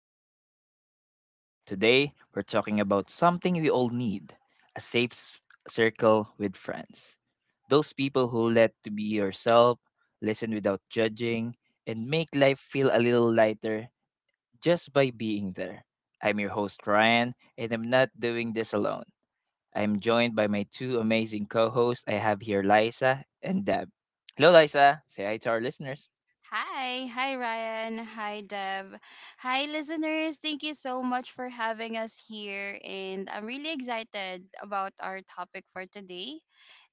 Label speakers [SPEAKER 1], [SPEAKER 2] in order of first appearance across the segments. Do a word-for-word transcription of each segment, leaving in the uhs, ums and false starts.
[SPEAKER 1] welcome back to the podcast. Today, we're talking about something we all need, a safe s- circle with friends. Those people who let to be yourself, listen without judging, and make life feel a little lighter just by being there. I'm your host, Ryan, and I'm not doing this alone. I'm joined by my two amazing co hosts I have here, Liza and Deb. Hello, Liza. Say hi to our listeners.
[SPEAKER 2] Hi, hi Ryan, hi Deb, hi listeners. Thank you so much for having us here, and I'm really excited about our topic for today.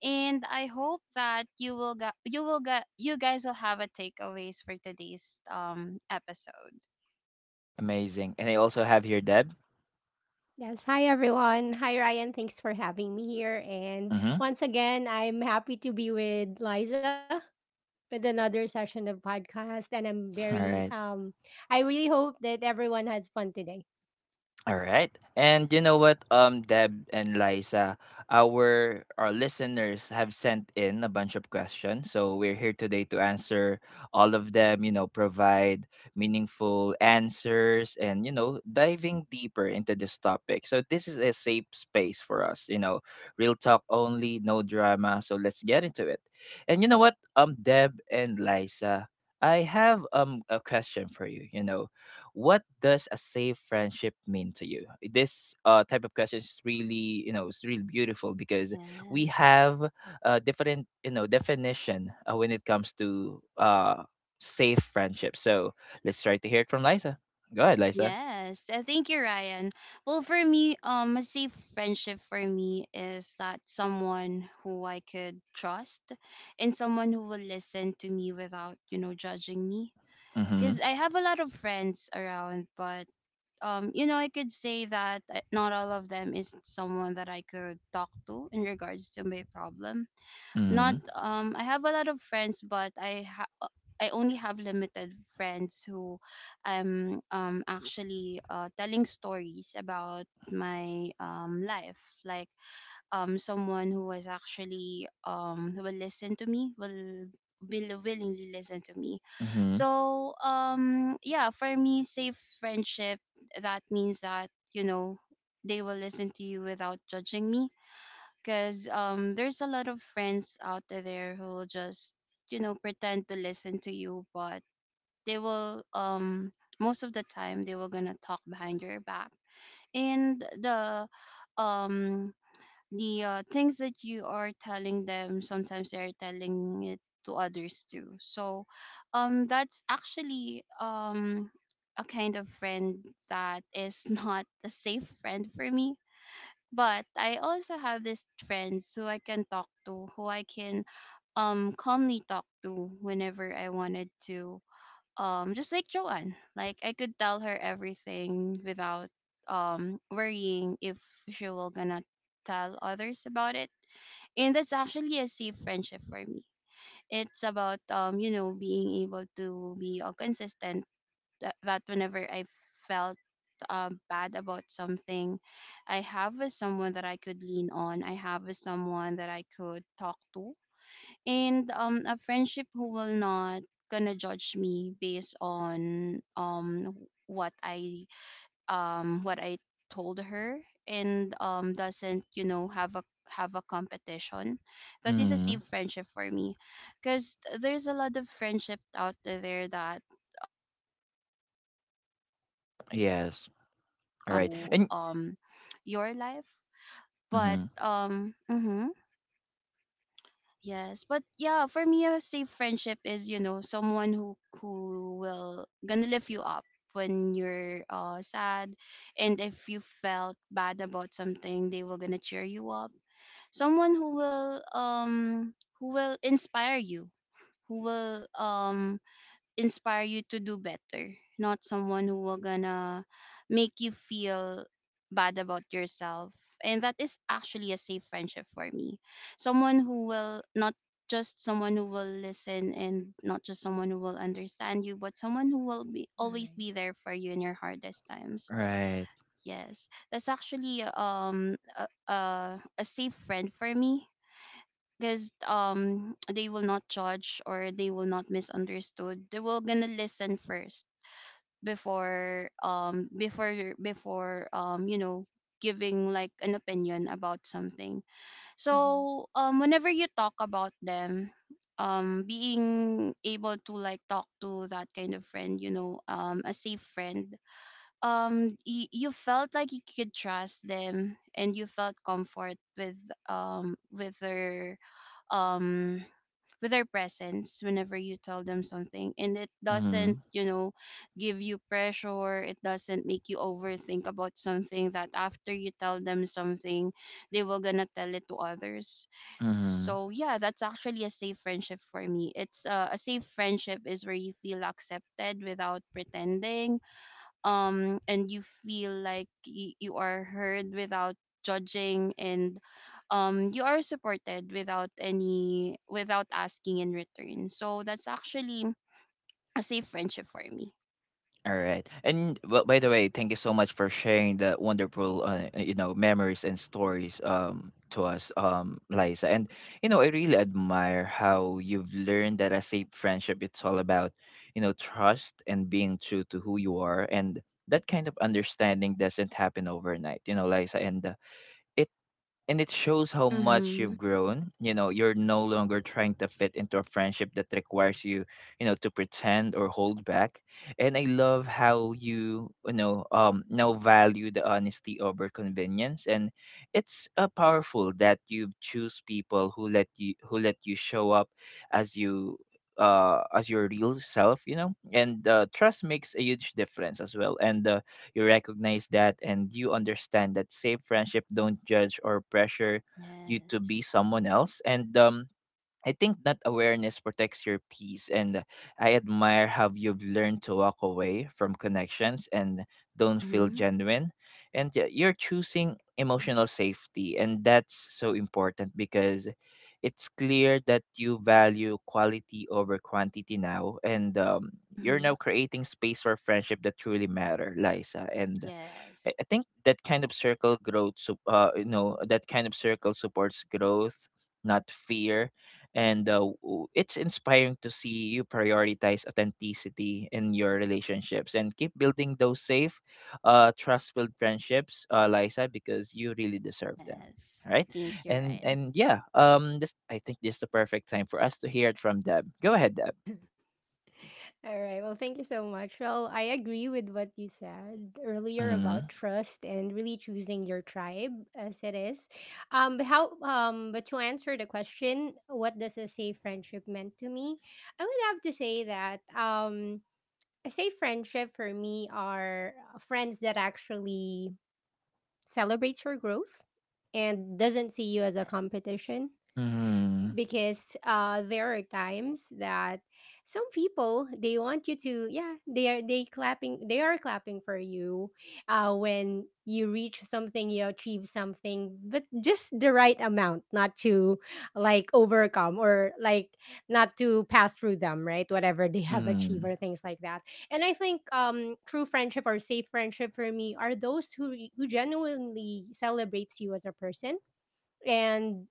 [SPEAKER 2] And I hope that you will got you will got you guys will have a takeaways for today's um episode.
[SPEAKER 1] Amazing. And I also have here Deb.
[SPEAKER 3] Yes. Hi, everyone. Hi, Ryan. Thanks for having me here. And
[SPEAKER 1] Mm-hmm.
[SPEAKER 3] once again, I'm happy to be with Liza with another session of podcast. And I'm
[SPEAKER 1] All
[SPEAKER 3] very,
[SPEAKER 1] right.
[SPEAKER 2] Yes.
[SPEAKER 3] um, I really hope that everyone has fun today.
[SPEAKER 1] All right. And you know what, um, Deb and Liza, our our listeners have sent in a bunch of questions. So we're here today to answer all of them, you know, provide meaningful answers and, you know, diving deeper into this topic. So this is a safe space for us, you know, real talk only, no drama. So let's get into it. And you know what, um, Deb and Liza, I have um a question for you. You know, what does a safe friendship mean to you? This uh, type of question is really, you know, it's really beautiful, because we
[SPEAKER 2] Yes.
[SPEAKER 1] have a different, you know, definition uh, when it comes to uh, safe friendship. So let's try to hear it from Liza. Go ahead, Liza.
[SPEAKER 2] Yes, uh, thank you, Ryan. Well, for me, um, a safe friendship for me is that someone who I could trust and someone who will listen to me without, you know, judging me. Because
[SPEAKER 1] Mm-hmm.
[SPEAKER 2] I have a lot of friends around, but um, you know, I could say that uh, not all of them is someone that I could talk to in regards to my problem not
[SPEAKER 1] Mm-hmm.
[SPEAKER 2] um I have a lot of friends, but I ha- uh, I only have limited friends who I'm um actually uh, telling stories about my um life. Like um someone who was actually um who will listen to me will will willingly listen to me.
[SPEAKER 1] Mm-hmm,
[SPEAKER 2] So um yeah, for me, safe friendship that means that you know they will listen to you without judging me, because um there's a lot of friends out there who will just you know pretend to listen to you, but they will um most of the time they were gonna talk behind your back, and the um the uh, things that you are telling them sometimes they're telling it to others too. So um that's actually um a kind of friend that is not a safe friend for me. But I also have these friends who I can talk to, who I can um calmly talk to whenever I wanted to. Um just like Joanne. Like I could tell her everything without um worrying if she will gonna tell others about it. And that's actually a safe friendship for me. It's about um, you know, being able to be uh, consistent that, that whenever I felt um, bad about something, I have a someone that I could lean on. I have a someone that I could talk to, and um, a friendship who will not gonna judge me based on um what I um what I told her, and um doesn't you know have a have a competition. That is a
[SPEAKER 1] mm-hmm.
[SPEAKER 2] safe friendship for me, because there's a lot of friendship out there that um um
[SPEAKER 1] Yes.
[SPEAKER 2] your
[SPEAKER 1] All right.
[SPEAKER 2] life.
[SPEAKER 1] And
[SPEAKER 2] But
[SPEAKER 1] mm-hmm.
[SPEAKER 2] um mhm. Yes, but yeah, for me, a safe friendship is you know someone who who will gonna lift you up when you're uh sad, and if you felt bad about something, they will gonna cheer you up. Someone who will um who will inspire you, who will um inspire you to do better, not someone who will gonna make you feel bad about yourself. And that is actually a safe friendship for me. Someone who will not just someone who will listen, and not just someone who will understand you, but someone who will be
[SPEAKER 3] All
[SPEAKER 2] always be
[SPEAKER 3] right.
[SPEAKER 2] there for you in your hardest times.
[SPEAKER 1] Right.
[SPEAKER 2] Yes, that's actually um a, a, a safe friend for me, because um they will not judge, or they will not misunderstood, they will gonna listen first before um before before um you know giving like an opinion about something.
[SPEAKER 3] Mhm.
[SPEAKER 2] So um whenever you talk about them um being able to like talk to that kind of friend, you know, um a safe friend, um y- you felt like you could trust them, and you felt comfort with um with their um with their presence whenever you tell them something. And it doesn't
[SPEAKER 1] Mm-hmm.
[SPEAKER 2] you know give you pressure, it doesn't make you overthink about something, that after you tell them something they will gonna tell it to others.
[SPEAKER 1] Mm-hmm.
[SPEAKER 2] So yeah, that's actually a safe friendship for me. It's uh, a safe friendship is where you feel accepted without pretending, um and you feel like y- you are heard without judging, and um you are supported without any without asking in return. So that's actually a safe friendship for me.
[SPEAKER 1] All right. And well, by the way, thank you so much for sharing the wonderful, uh, you know, memories and stories um to us, um, Liza. And you know, I really admire how you've learned that a safe friendship, it's all about, you know, trust and being true to who you are, and that kind of understanding doesn't happen overnight. You know, Liza, and uh, and it shows how much
[SPEAKER 2] Mhm.
[SPEAKER 1] you've grown. You know, you're no longer trying to fit into a friendship that requires you, you know, to pretend or hold back. And I love how you, you know, um, now value the honesty over convenience. And it's uh,
[SPEAKER 2] Yeah.
[SPEAKER 1] powerful that you choose people who let you who let you show up as you, uh as your real self. You know, and uh, trust makes a huge difference as well. And uh, you recognize that, and you understand that safe friendship don't judge or pressure you to be
[SPEAKER 2] Yes.
[SPEAKER 1] someone else. And um I think that awareness protects your peace, and I admire how you've learned to walk away from connections and don't feel
[SPEAKER 2] Mhm.
[SPEAKER 1] genuine. And y- you're choosing emotional safety, and that's so important because it's clear that you value quality over quantity now, and um, you're
[SPEAKER 2] Mhm.
[SPEAKER 1] now creating space for friendship that truly matter, Liza. And
[SPEAKER 2] Yes.
[SPEAKER 1] I I think that kind of circle growth, so uh, you know, that kind of circle supports growth, not fear, and uh, w- it's inspiring to see you prioritize authenticity in your relationships and keep building those safe, uh, trust-filled friendships, uh, Liza, because you really deserve them,
[SPEAKER 2] Yes.
[SPEAKER 1] right?
[SPEAKER 2] Thank you,
[SPEAKER 1] And
[SPEAKER 2] Ryan.
[SPEAKER 1] and yeah, um, this, I think this is the perfect time for us to hear it from Deb. Go ahead, Deb.
[SPEAKER 3] All right. Well, thank you so much. Well, I agree with what you said earlier
[SPEAKER 1] Mm-hmm.
[SPEAKER 3] about trust and really choosing your tribe as it is. Um, but how, um, but to answer the question, what does a safe friendship meant to me? I would have to say that, um, I say friendship for me are uh, friends that actually celebrates your growth and doesn't see you as a
[SPEAKER 2] Yes.
[SPEAKER 3] competition,
[SPEAKER 1] Mm-hmm.
[SPEAKER 3] because uh, there are times that some people, they want you to, yeah, they are they clapping they are clapping for you uh, when you reach something you achieve something, but just the right amount, not to, like, overcome, or, like, not to pass through them, right, whatever they have achieved or things like that. And I think um true friendship or safe friendship for me are those who who genuinely celebrates you as a person, and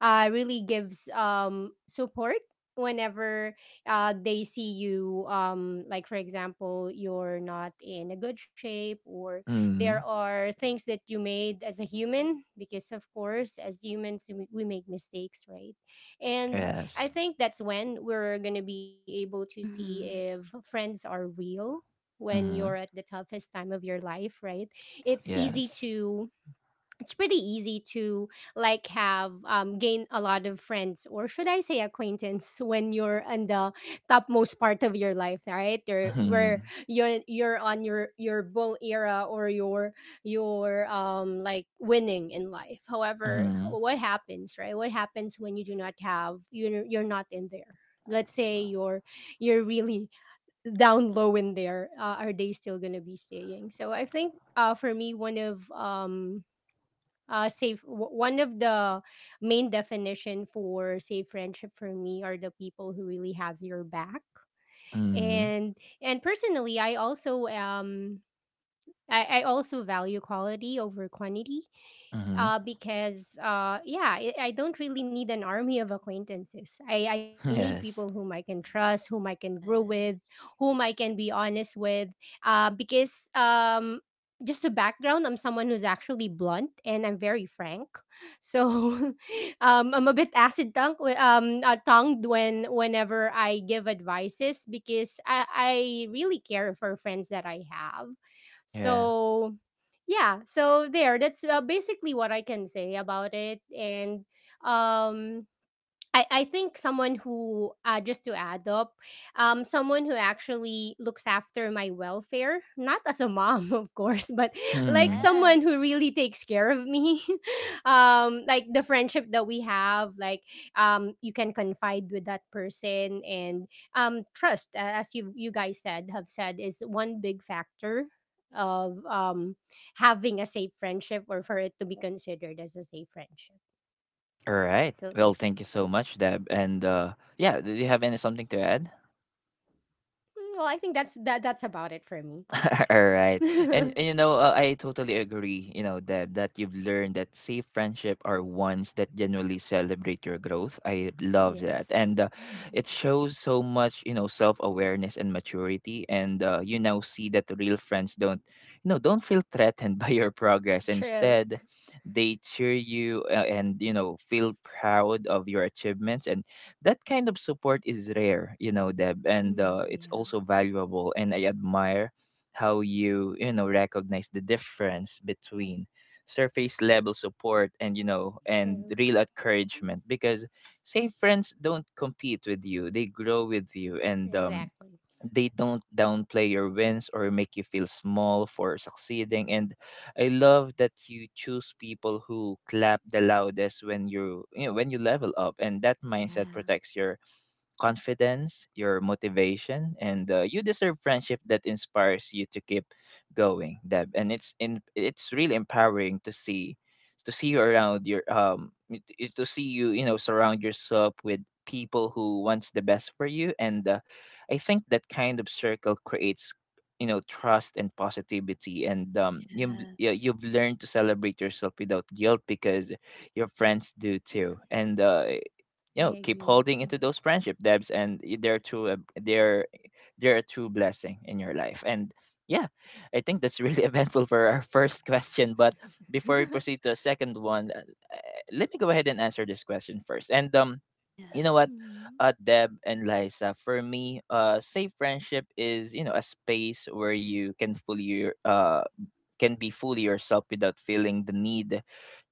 [SPEAKER 3] uh, really gives um, support whenever uh, they see you, um, like, for example, you're not in a good shape, or there
[SPEAKER 1] Mm-hmm.
[SPEAKER 3] are things that you made as a human, because, of course, as humans, we, we make mistakes, right? And I
[SPEAKER 1] Yes.
[SPEAKER 3] think that's when we're going to be able to see if
[SPEAKER 2] Mhm.
[SPEAKER 3] friends are real, when you're
[SPEAKER 1] Mm-hmm.
[SPEAKER 3] at the toughest time of your life, right? it's easy
[SPEAKER 1] Yes.
[SPEAKER 3] to it's pretty easy to, like, have um, gain a lot of friends, or should I say acquaintance, when you're in the topmost part of your life, right? Or where
[SPEAKER 1] Mhm.
[SPEAKER 3] you're you're on your your bull era, or your your um like, winning in life. However,
[SPEAKER 1] Mhm.
[SPEAKER 3] what happens, right? What happens when you do not have, you're, you're not in there? Let's say you're you're really down low in there. Uh, are they still gonna be staying? So I think, uh, for me, one of, um uh safe w- one of the main definition for safe friendship for me are the people who really has your back.
[SPEAKER 1] Mhm.
[SPEAKER 3] And and personally, i also um I, I also value quality over quantity,
[SPEAKER 1] Mhm.
[SPEAKER 3] uh, because, uh, yeah, I, I don't really need an army of acquaintances. I, I need people
[SPEAKER 1] Yes.
[SPEAKER 3] whom I can trust, whom I can grow with,
[SPEAKER 2] Yes.
[SPEAKER 3] whom I can be honest with. Uh, because, um, just a background, I'm someone who's actually blunt and I'm very frank. So um, I'm a bit acid tongue, um, uh, tongued when whenever I give advices, because I, I really care for friends that I have.
[SPEAKER 1] Yeah.
[SPEAKER 3] So yeah so there that's uh, basically what I can say about it. And um I, I think someone who uh, just to add up um, someone who actually looks after my welfare, not as a mom of course, but, like,
[SPEAKER 1] Hmm.
[SPEAKER 3] someone
[SPEAKER 2] Yes.
[SPEAKER 3] who really takes care of me. Um, like, the friendship that we have, like, um, you can confide with that person, and um, trust, a- as you you guys said have said, is one big factor of, um, having a safe friendship, or for it to be considered as a safe friendship.
[SPEAKER 1] All right.
[SPEAKER 3] So,
[SPEAKER 1] Well, thank you so much, Deb. And uh, yeah, did you have any something to add?
[SPEAKER 3] Mm, well, I think that's that that's about it for me.
[SPEAKER 1] All right. And, and, you know, uh, I totally agree, you know, that that you've learned that safe friendship are ones that genuinely celebrate your growth. I love that.
[SPEAKER 3] Yes.
[SPEAKER 1] And uh,
[SPEAKER 3] Mhm.
[SPEAKER 1] it shows so much, you know, self-awareness and maturity, and uh, you now see that the real friends don't, you know, don't feel threatened by your progress.
[SPEAKER 3] True.
[SPEAKER 1] Instead, they cheer you uh, and, you know, feel proud of your achievements, and that kind of support is rare, you know, Deb, and
[SPEAKER 3] Mm,
[SPEAKER 1] uh, it's
[SPEAKER 3] yeah.
[SPEAKER 1] also valuable. And I admire how you, you know, recognize the difference between surface level support and, you know, and
[SPEAKER 3] True.
[SPEAKER 1] real encouragement, because safe friends don't compete with you, they grow with you. And um
[SPEAKER 3] Exactly.
[SPEAKER 1] they don't downplay your wins or make you feel small for succeeding, and I love that you choose people who clap the loudest when you you know, when you level up. And that mindset
[SPEAKER 3] Yeah.
[SPEAKER 1] protects your confidence, your motivation, and uh, you deserve friendship that inspires you to keep going, Deb. And it's in it's really empowering to see to see you around your um y- y- to see you, you know, surround yourself with people who wants the best for you. And uh, I think that kind of circle creates, you know, trust and positivity. And um
[SPEAKER 2] Yes.
[SPEAKER 1] you yeah,
[SPEAKER 2] Yes.
[SPEAKER 1] you've learned to celebrate yourself without guilt because your friends do too. And uh you
[SPEAKER 3] I
[SPEAKER 1] know, keep
[SPEAKER 3] agree.
[SPEAKER 1] holding into those friendship, Debs, and y- they're too a- they're they're a true blessing in your life. And yeah, I think that's really eventful for our first question. But before we
[SPEAKER 3] Mm.
[SPEAKER 1] proceed to a second one, uh, uh, let me go ahead and answer this question first. And um
[SPEAKER 2] Yeah.
[SPEAKER 1] you know what,
[SPEAKER 3] Mhm,
[SPEAKER 1] uh Deb and Liza, for me, uh safe friendship is, you know, a space where you can fully uh can be fully yourself without feeling the need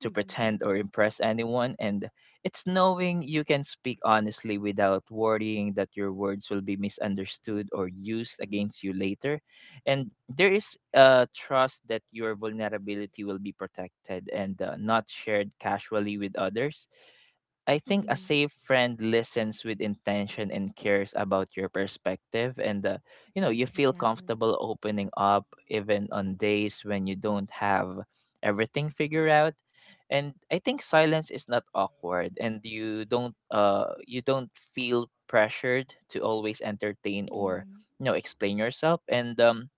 [SPEAKER 1] to pretend or impress anyone. And it's knowing you can speak honestly without worrying that your words will be misunderstood or used
[SPEAKER 3] true.
[SPEAKER 1] against you later. And there is a trust that your vulnerability will be protected and uh, not shared casually with others. I think
[SPEAKER 3] Mhm,
[SPEAKER 1] a safe friend listens with intention and cares about your perspective. And uh, you know, you feel
[SPEAKER 3] exactly.
[SPEAKER 1] comfortable opening up even on days when you don't have everything figured out. And I think silence is not awkward, and you don't, uh you don't feel pressured to always entertain or,
[SPEAKER 3] Mhm,
[SPEAKER 1] you know, explain yourself. And um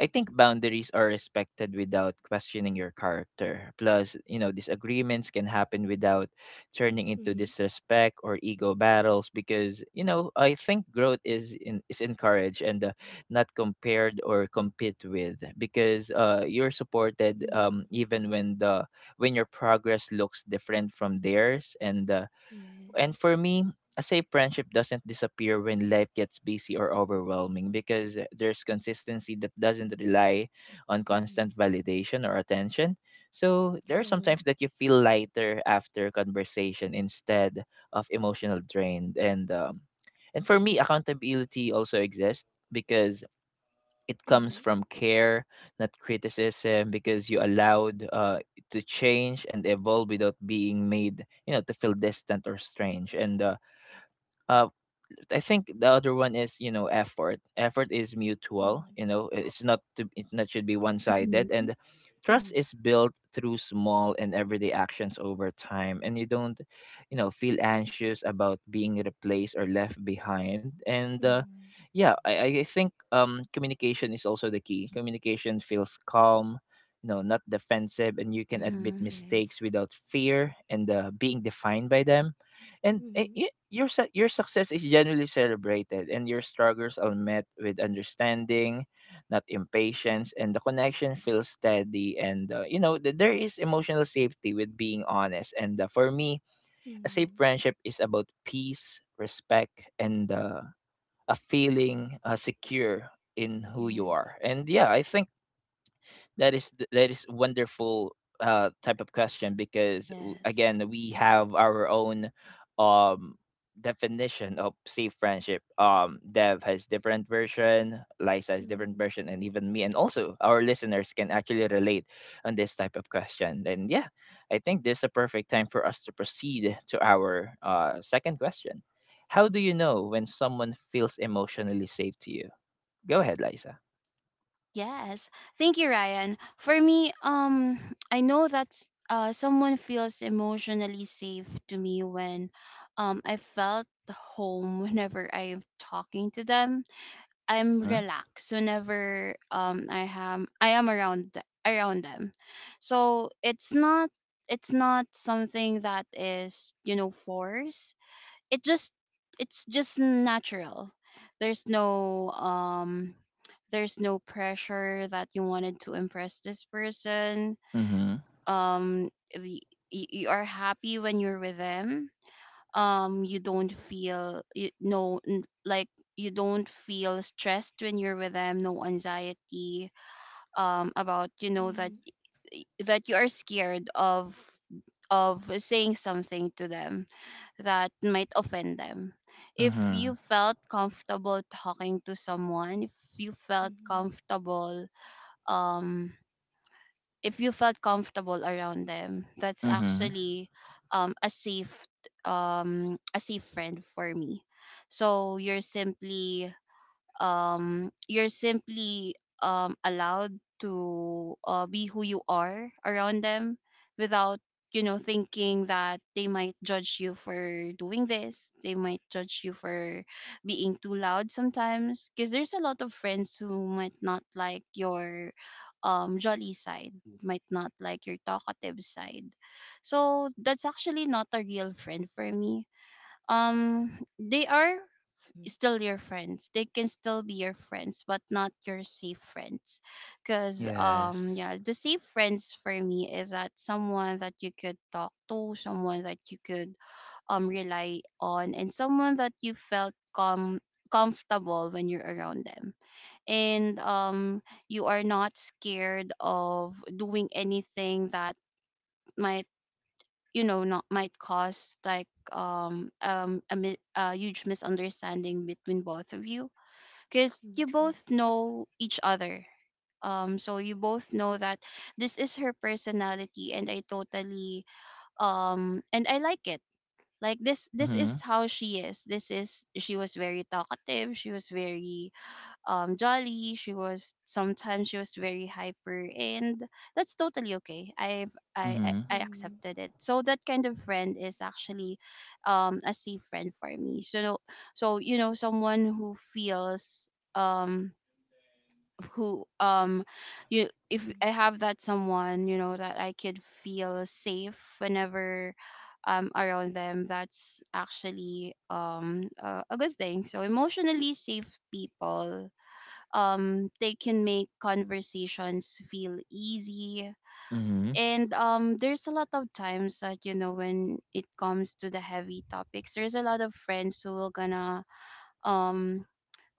[SPEAKER 1] I think boundaries are respected without questioning your character. Plus, you know, disagreements can happen
[SPEAKER 3] mhm,
[SPEAKER 1] without turning into disrespect or ego battles, because, you know, I think growth is in, is encouraged and uh, not compared or compete with, because uh, you're supported
[SPEAKER 3] mhm,
[SPEAKER 1] um, even when the when your progress looks different from theirs. And uh,
[SPEAKER 3] yes.
[SPEAKER 1] and for me, a safe friendship doesn't disappear when life gets busy or overwhelming, because there's consistency that doesn't rely
[SPEAKER 3] Mhm,
[SPEAKER 1] on constant validation or attention. So there are
[SPEAKER 3] true.
[SPEAKER 1] sometimes that you feel lighter after conversation instead of emotional drained. And um, and for me, accountability also exists because it
[SPEAKER 3] Mhm,
[SPEAKER 1] comes from care, not criticism, because you allowed, uh, to change and evolve without being made, you know, to feel distant or strange. And uh, uh, I think the other one is, you know, effort. Effort is mutual.
[SPEAKER 3] mhm,
[SPEAKER 1] You know, i- it's not to, it's not should be one sided, and
[SPEAKER 2] Mhm.
[SPEAKER 1] trust
[SPEAKER 3] mhm,
[SPEAKER 1] is built through small and everyday actions over time. And you don't, you know, feel anxious about being replaced or left behind. And uh,
[SPEAKER 3] mhm,
[SPEAKER 1] yeah, I I think um communication is also the key. Communication feels calm, you know, not defensive, and you can admit
[SPEAKER 2] Mhm.
[SPEAKER 3] yes.
[SPEAKER 1] mistakes without fear and uh, being defined by them. And eh,
[SPEAKER 3] Mhm,
[SPEAKER 1] y- your su- your success is generally celebrated, and your struggles are met with understanding, not impatience, and the connection feels steady. And uh, you know, th- there is emotional safety with being honest. And uh, for me, a safe
[SPEAKER 3] mhm,
[SPEAKER 1] friendship is about peace, respect, and uh, a feeling uh, secure in who you
[SPEAKER 3] yes.
[SPEAKER 1] are. And yeah, I think that is th- that is wonderful uh type of question, because w-
[SPEAKER 2] Yes.
[SPEAKER 1] again, we have our own um definition of safe friendship. Um Dev has different version, Liza has different
[SPEAKER 3] Mhm,
[SPEAKER 1] version, and even me, and also our listeners can actually relate on this type of question. And yeah, I think this is a perfect time for us to proceed to our uh second question. How do you know when someone feels emotionally safe to you? Go ahead, Liza.
[SPEAKER 2] Yes. Thank you, Ryan. For me, um, I know that's uh, someone feels emotionally safe to me when um, I felt home whenever I'm talking to them. I'm
[SPEAKER 1] Mm-hmm.
[SPEAKER 2] relaxed whenever um, I am I am around th- around them. So it's not it's not something that is you know forced, it just it's just natural. There's no um there's no pressure that you wanted to impress this person,
[SPEAKER 1] Mm-hmm.
[SPEAKER 2] um the, y- you are happy when you're with them, um you don't feel you no n- like you don't feel stressed when you're with them, no anxiety um about you know
[SPEAKER 3] mhm,
[SPEAKER 2] that that you are scared of of saying something to them that might offend them. If
[SPEAKER 1] Mm-hmm.
[SPEAKER 2] you felt comfortable talking to someone, if you felt
[SPEAKER 3] mhm,
[SPEAKER 2] comfortable um if you felt comfortable around them, that's
[SPEAKER 1] Mhm.
[SPEAKER 3] true.
[SPEAKER 2] actually um a safe um a safe friend for me. So you're simply um you're simply um allowed to uh, be who you are around them, without you know thinking that they might judge you for doing this, they might judge you for being too loud sometimes, because there's a lot of friends who might not like your um jolly side, might not like your talkative side. So that's actually not a real friend for me, um they are
[SPEAKER 3] Mhm.
[SPEAKER 2] still your friends. They can still be your friends, but not your safe friends. Cause um
[SPEAKER 1] Yes.
[SPEAKER 2] yeah, the safe friends for me is that someone that you could talk to, someone that you could um rely on, and someone that you felt com comfortable when you're around them. And um you are not scared of doing anything that might you know not might cause like um um a mi- a huge misunderstanding between both of you, because
[SPEAKER 3] Mm,
[SPEAKER 2] you
[SPEAKER 3] true.
[SPEAKER 2] both know each other. Um, so you both know that this is her personality, and I totally um, and I like it. Like this, this is
[SPEAKER 1] Mhm.
[SPEAKER 2] how she is. This is she was very talkative. She was very um jolly, she was sometimes she was very hyper, and that's totally okay. i've i i,
[SPEAKER 1] Mhm.
[SPEAKER 2] I
[SPEAKER 3] Mm,
[SPEAKER 2] accepted it. So that kind of friend is actually um a safe friend for me. So so you know someone who feels um who um you if I
[SPEAKER 3] mm,
[SPEAKER 2] have that someone, you know, that I could feel safe whenever um around them, that's actually um a, a good thing. So emotionally safe people um they can make conversations feel easy.
[SPEAKER 1] Mhm.
[SPEAKER 2] And um there's a lot of times that you know when it comes to the heavy topics, there's a lot of friends who will gonna um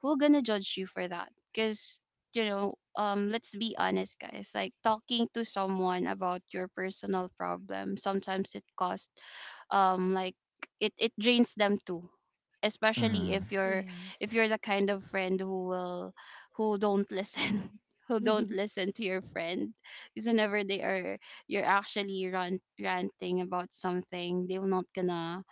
[SPEAKER 2] who gonna judge you for that. Because you know um let's be honest guys, like talking to someone about your personal problem sometimes it costs um like it it drains them too, especially
[SPEAKER 1] Mhm.
[SPEAKER 2] if you're
[SPEAKER 3] yes.
[SPEAKER 2] if you're the kind of friend who will who don't listen who don't listen to your friend. Because whenever they are you're actually rant, ranting about something, they're not gonna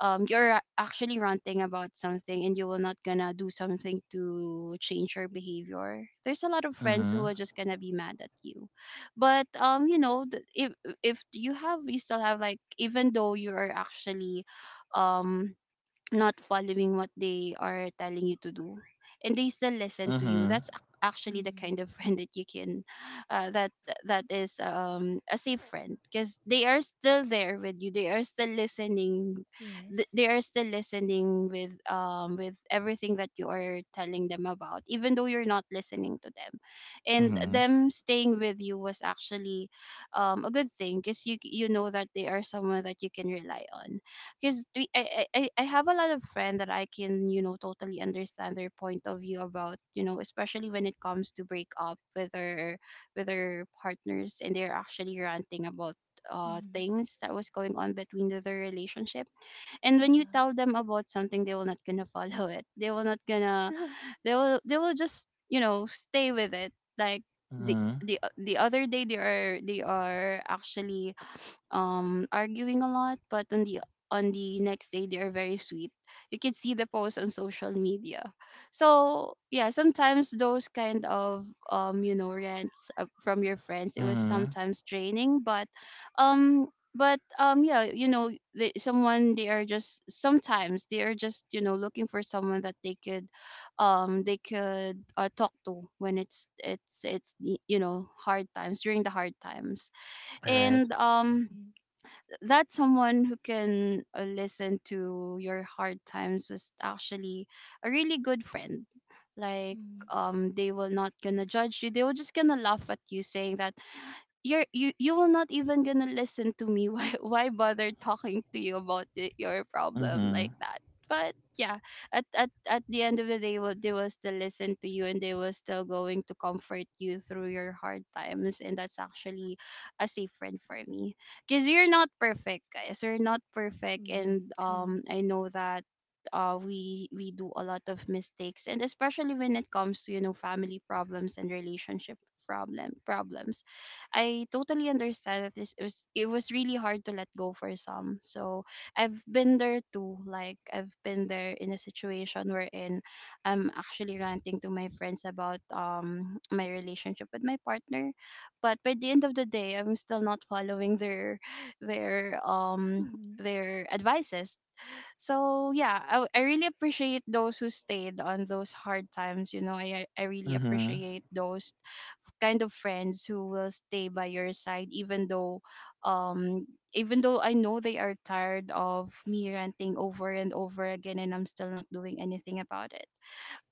[SPEAKER 2] um you're actually ranting about something, and you will not gonna do something to change your behavior. There's a lot of friends who
[SPEAKER 1] Mhm.
[SPEAKER 2] are just gonna be mad at you. But um you know th- if if you have you still have like even though you are actually um not following what they are telling you to do, and they still listen to you,
[SPEAKER 1] Mhm.
[SPEAKER 2] that's ac- actually the kind
[SPEAKER 3] Mm,
[SPEAKER 2] of friend that you can uh, that that is um a safe friend, because they are still there with you, they are still listening th-
[SPEAKER 3] yes.
[SPEAKER 2] they are still listening with um with everything that you are telling them about, even though you're not listening to them. And
[SPEAKER 1] Mhm.
[SPEAKER 2] them staying with you was actually um a good thing, because you you know that they are someone that you can rely on. Because I, I I I have a lot of friends that I can you know totally understand their point of view about you know especially when it comes to break up with their with their partners, and they're actually ranting about uh
[SPEAKER 3] Mm,
[SPEAKER 2] things that was going on between the, their relationship. And when you
[SPEAKER 3] yeah.
[SPEAKER 2] tell them about something, they will not gonna follow it, they will not gonna they will they will just you know stay with it, like the
[SPEAKER 1] Mhm.
[SPEAKER 2] the the other day they are they are actually um arguing a lot, but on the on the next day they are very sweet, you can see the post on social media. So yeah, sometimes those kind of um you know rants uh, from your friends it was
[SPEAKER 1] Mhm.
[SPEAKER 2] sometimes draining. But um but um yeah you know they, someone they are just sometimes they are just you know looking for someone that they could um they could uh, talk to when it's it's it's y- you know hard times, during the hard times.
[SPEAKER 1] All right.
[SPEAKER 2] And um
[SPEAKER 3] Mm,
[SPEAKER 2] that someone who can uh, Listen to your hard times was actually a really good friend. Like,
[SPEAKER 3] mm,
[SPEAKER 2] um they will not gonna judge you. They will just gonna laugh at you, saying that you're you you will not even gonna listen to me. why why bother talking to you about the, your problem like
[SPEAKER 1] Mhm.
[SPEAKER 2] that? But yeah, at, at at the end of the day, will they will still listen to you, and they will still going to comfort you through your hard times. And that's actually a safe friend for me, because you're not perfect, guys. You're not perfect.
[SPEAKER 3] mm,
[SPEAKER 2] And
[SPEAKER 3] true.
[SPEAKER 2] um I know that uh, we we do a lot of mistakes, and especially when it comes to, you know family problems and relationship problem problems. I totally understand that this was it was really hard to let go for some. So I've been there too. Like, I've been there in a situation wherein I'm actually ranting to my friends about um my relationship with my partner. But by the end of the day, I'm still not following their their um
[SPEAKER 3] Mm,
[SPEAKER 2] their advices. So yeah, I, w- I really appreciate those who stayed on those hard times. You know, I I I really
[SPEAKER 1] Mhm.
[SPEAKER 2] appreciate those kind of friends who will stay by your side, even though um even though I know they are tired of me ranting over and over again and I'm still not doing anything about it.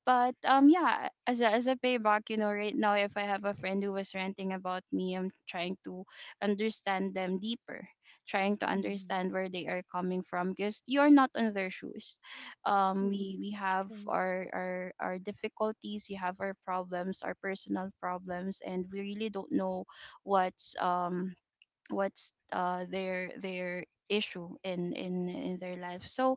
[SPEAKER 2] But um yeah, as a as a payback, you know, right now, if I have a friend who was ranting about me, I'm trying to understand them deeper, trying to understand
[SPEAKER 3] mm,
[SPEAKER 2] where they are coming from, because you're not on their shoes. Um
[SPEAKER 3] mm,
[SPEAKER 2] we we have
[SPEAKER 3] true.
[SPEAKER 2] our our our difficulties, we have our problems, our personal problems, and we really don't know what's um what's uh their their issue in in in their life. So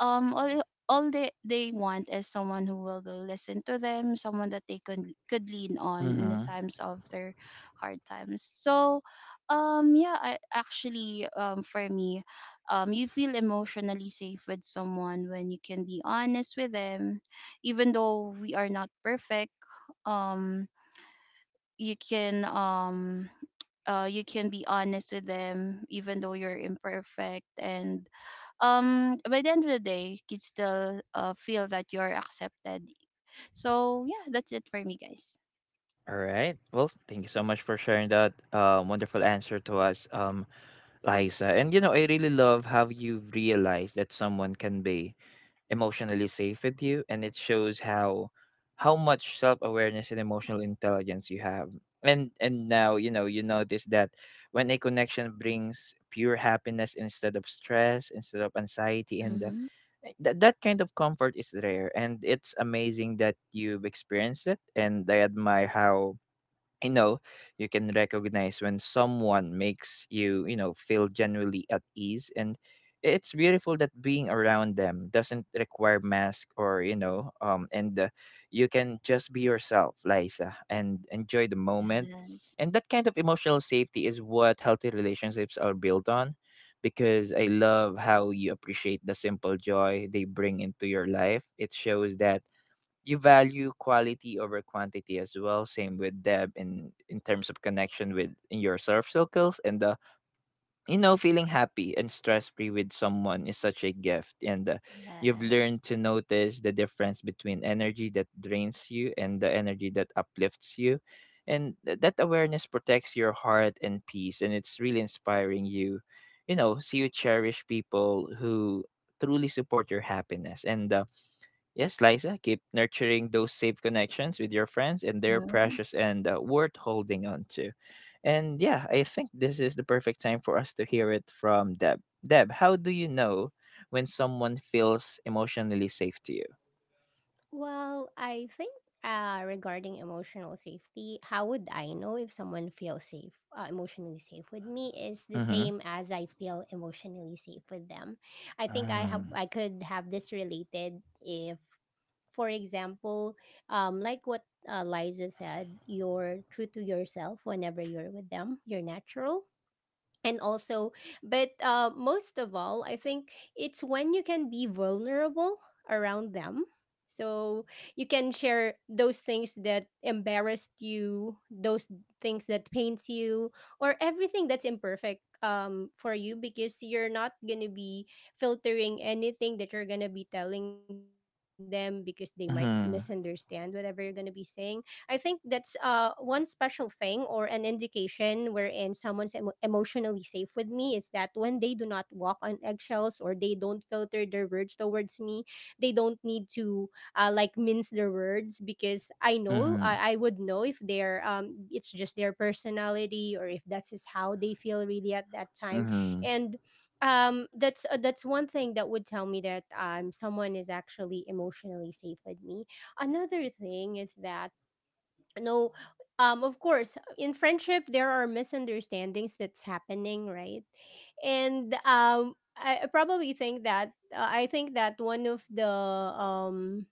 [SPEAKER 2] um all all they they want is someone who will listen to them, someone that they could could lean on in the
[SPEAKER 1] Mhm.
[SPEAKER 2] times of their hard times. So um yeah, I, actually, um for me, um you feel emotionally safe with someone when you can be honest with them, even though we are not perfect. um you can um uh you can be honest with them even though you're imperfect. And um by the end of the day, you can still uh, feel that you're accepted. So yeah, that's it for me, guys.
[SPEAKER 1] All right. Well, thank you so much for sharing that um, wonderful answer to us, um, Liza. And you know, I really love how you've realized that someone can be emotionally safe with you, and it shows how how much self-awareness and emotional intelligence you have. And and now, you know, you notice that when a connection brings pure happiness instead of stress instead of anxiety. And uh,
[SPEAKER 2] Mm-hmm.
[SPEAKER 1] eh, that that kind of comfort is rare, and it's amazing that you've experienced it. And I admire how I know you can recognize when someone makes you, you know, feel genuinely at ease. And it's beautiful that being around them doesn't require mask, or, you know, um, and uh, you can just be yourself, Liza, and enjoy the moment.
[SPEAKER 2] Yes,
[SPEAKER 1] And that kind of emotional safety is what healthy relationships are built on, because I love how you appreciate the simple joy they bring into your life. It shows that you value quality over quantity as well. Same with Deb in in terms of connection with in your surf circles and uh, you know, feeling happy and stress free with someone is such a gift. And uh, you've
[SPEAKER 2] yes.
[SPEAKER 1] learned to notice the difference between energy that drains you and the energy that uplifts you. And th- that awareness protects your heart and peace, and it's really inspiring. You. You know, see you cherish people who truly support your happiness, and uh, yes, Liza, keep nurturing those safe connections with your friends, and they're
[SPEAKER 2] Mm-hmm.
[SPEAKER 1] precious and uh, worth holding on to. And yeah, I think this is the perfect time for us to hear it from Deb. Deb, how do you know when someone feels emotionally safe to you?
[SPEAKER 3] Well, I think, uh, regarding emotional safety, how would I know if someone feels safe, uh, emotionally safe with me, is the
[SPEAKER 1] Mm-hmm.
[SPEAKER 3] same as I feel emotionally safe with them. I think I have
[SPEAKER 1] Mm-hmm.
[SPEAKER 3] I could have this related if, for example, um, like what uh, Liza said, you're true to yourself whenever you're with them, you're natural, and also but uh, most of all, I think it's when you can be vulnerable around them, so you can share those things that embarrassed you, those things that pains you, or everything that's imperfect, um, for you, because you're not gonna be filtering anything that you're gonna be telling them, because they might misunderstand whatever you're gonna be saying. I think that's uh one special thing, or an indication, wherein someone's emo- emotionally safe with me is that when they do not walk on eggshells, or they don't filter their words towards me. They don't need to, uh, like, mince their words, because I know
[SPEAKER 1] Mm-hmm.
[SPEAKER 3] I, I would know if they're um it's just their personality, or if that's just how they feel really at that time.
[SPEAKER 1] Mm-hmm.
[SPEAKER 3] And um that's uh, that's one thing that would tell me that um someone is actually emotionally safe with me. Another thing is that, no, um of course, in friendship there are misunderstandings that's happening, right? And um I I probably think that uh, I think that one of the, um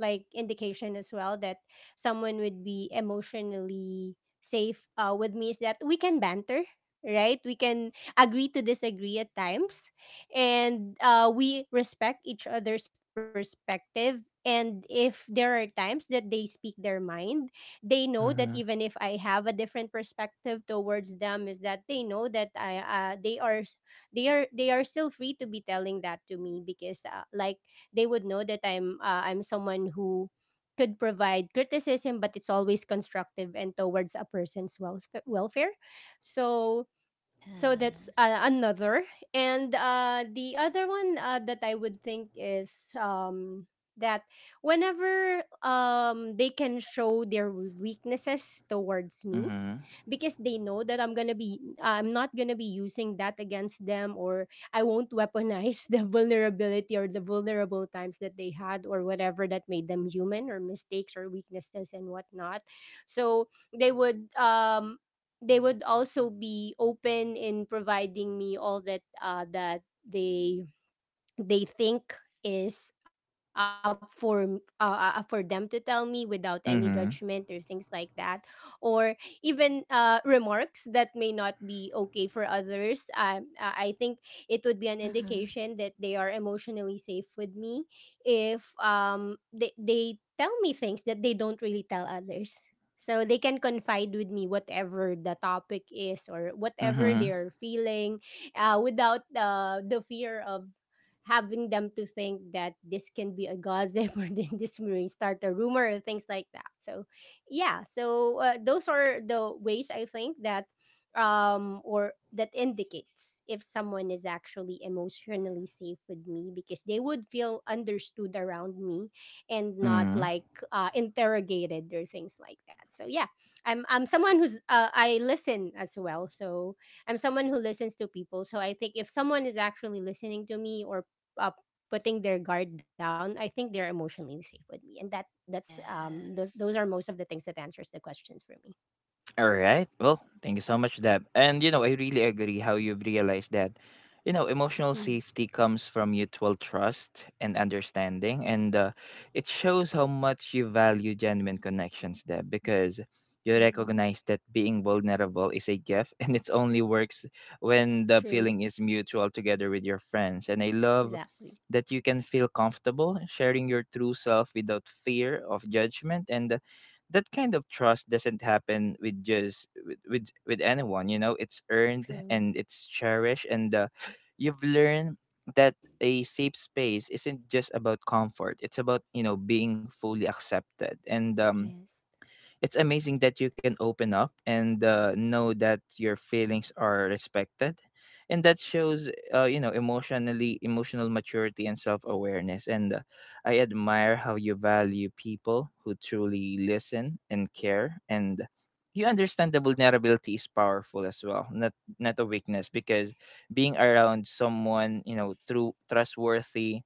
[SPEAKER 3] like, indication as well, that someone would be emotionally safe uh, with me, is that we can banter, right? We can agree to disagree at times, and uh, we respect each other's perspective. And if there are times that they speak their mind, they know that,
[SPEAKER 1] Mm-hmm.
[SPEAKER 3] even if I have a different perspective towards them, is that they know that I uh, they are s- they are they are still free to be telling that to me, because, uh, like, they would know that I'm uh, I'm someone who could provide criticism, but it's always constructive and towards a person's welf- welfare. So so that's
[SPEAKER 2] Yeah.
[SPEAKER 3] uh, another. And uh the other one, uh, that I would think, is um that whenever um they can show their weaknesses towards me,
[SPEAKER 1] Mm-hmm.
[SPEAKER 3] because they know that i'm gonna be I'm not gonna be using that against them, or I won't weaponize the vulnerability, or the vulnerable times that they had, or whatever that made them human, or mistakes or weaknesses and whatnot. So they would um they would also be open in providing me all that, uh, that they they think is up, for m- uh, uh, for them to tell me, without any judgment
[SPEAKER 1] Mm-hmm.
[SPEAKER 3] or
[SPEAKER 1] Mm-hmm.
[SPEAKER 3] things like that, or even, uh, remarks that may not be okay for others. um, uh, I think it would be an
[SPEAKER 2] Mm-hmm.
[SPEAKER 3] indication that they are emotionally safe with me if, um, they, they tell me things that they don't really tell others, so they can confide with me whatever the topic is, or whatever they're feeling, uh, without uh, the fear of having them to think that this can be a gossip, or then this may start a rumor or things like that. So, yeah, so uh, those are the ways, I think, that um or that indicates if someone is actually emotionally safe with me, because they would feel understood around me, and not,
[SPEAKER 1] Mm-hmm.
[SPEAKER 3] like, uh, interrogated or things like that. So, yeah, i'm i'm someone who's uh, I listen as well, so I'm someone who listens to people. So I think if someone is actually listening to me, or uh, putting their guard down, I think they're emotionally safe with me, and that that's um those those are
[SPEAKER 2] Yes.
[SPEAKER 3] most of the things that answers the questions for me.
[SPEAKER 1] All right. Well, thank you so much, Deb. And you know, I really agree how you've realized that, you know, emotional
[SPEAKER 3] Mm-hmm.
[SPEAKER 1] safety comes from mutual trust and understanding, and uh, it shows how much you value genuine connections, Deb, because you
[SPEAKER 3] Mm-hmm.
[SPEAKER 1] recognize that being vulnerable is a gift, and it only works when the
[SPEAKER 3] True.
[SPEAKER 1] feeling is mutual together with your friends. And I love
[SPEAKER 3] Exactly.
[SPEAKER 1] that you can feel comfortable sharing your true self without fear of judgment and uh, that kind of trust doesn't happen with just with with, with anyone. You know, it's earned
[SPEAKER 3] True.
[SPEAKER 1] and it's cherished, and uh, you've learned that a safe space isn't just about comfort. It's about, you know, being fully accepted, and um
[SPEAKER 3] Yes.
[SPEAKER 1] it's amazing that you can open up and uh, know that your feelings are respected, and that shows uh, you know, emotionally emotional maturity and self-awareness. And uh, I admire how you value people who truly listen and care, and you understand that vulnerability is powerful as well, not not a weakness, because being around someone, you know, through trustworthy,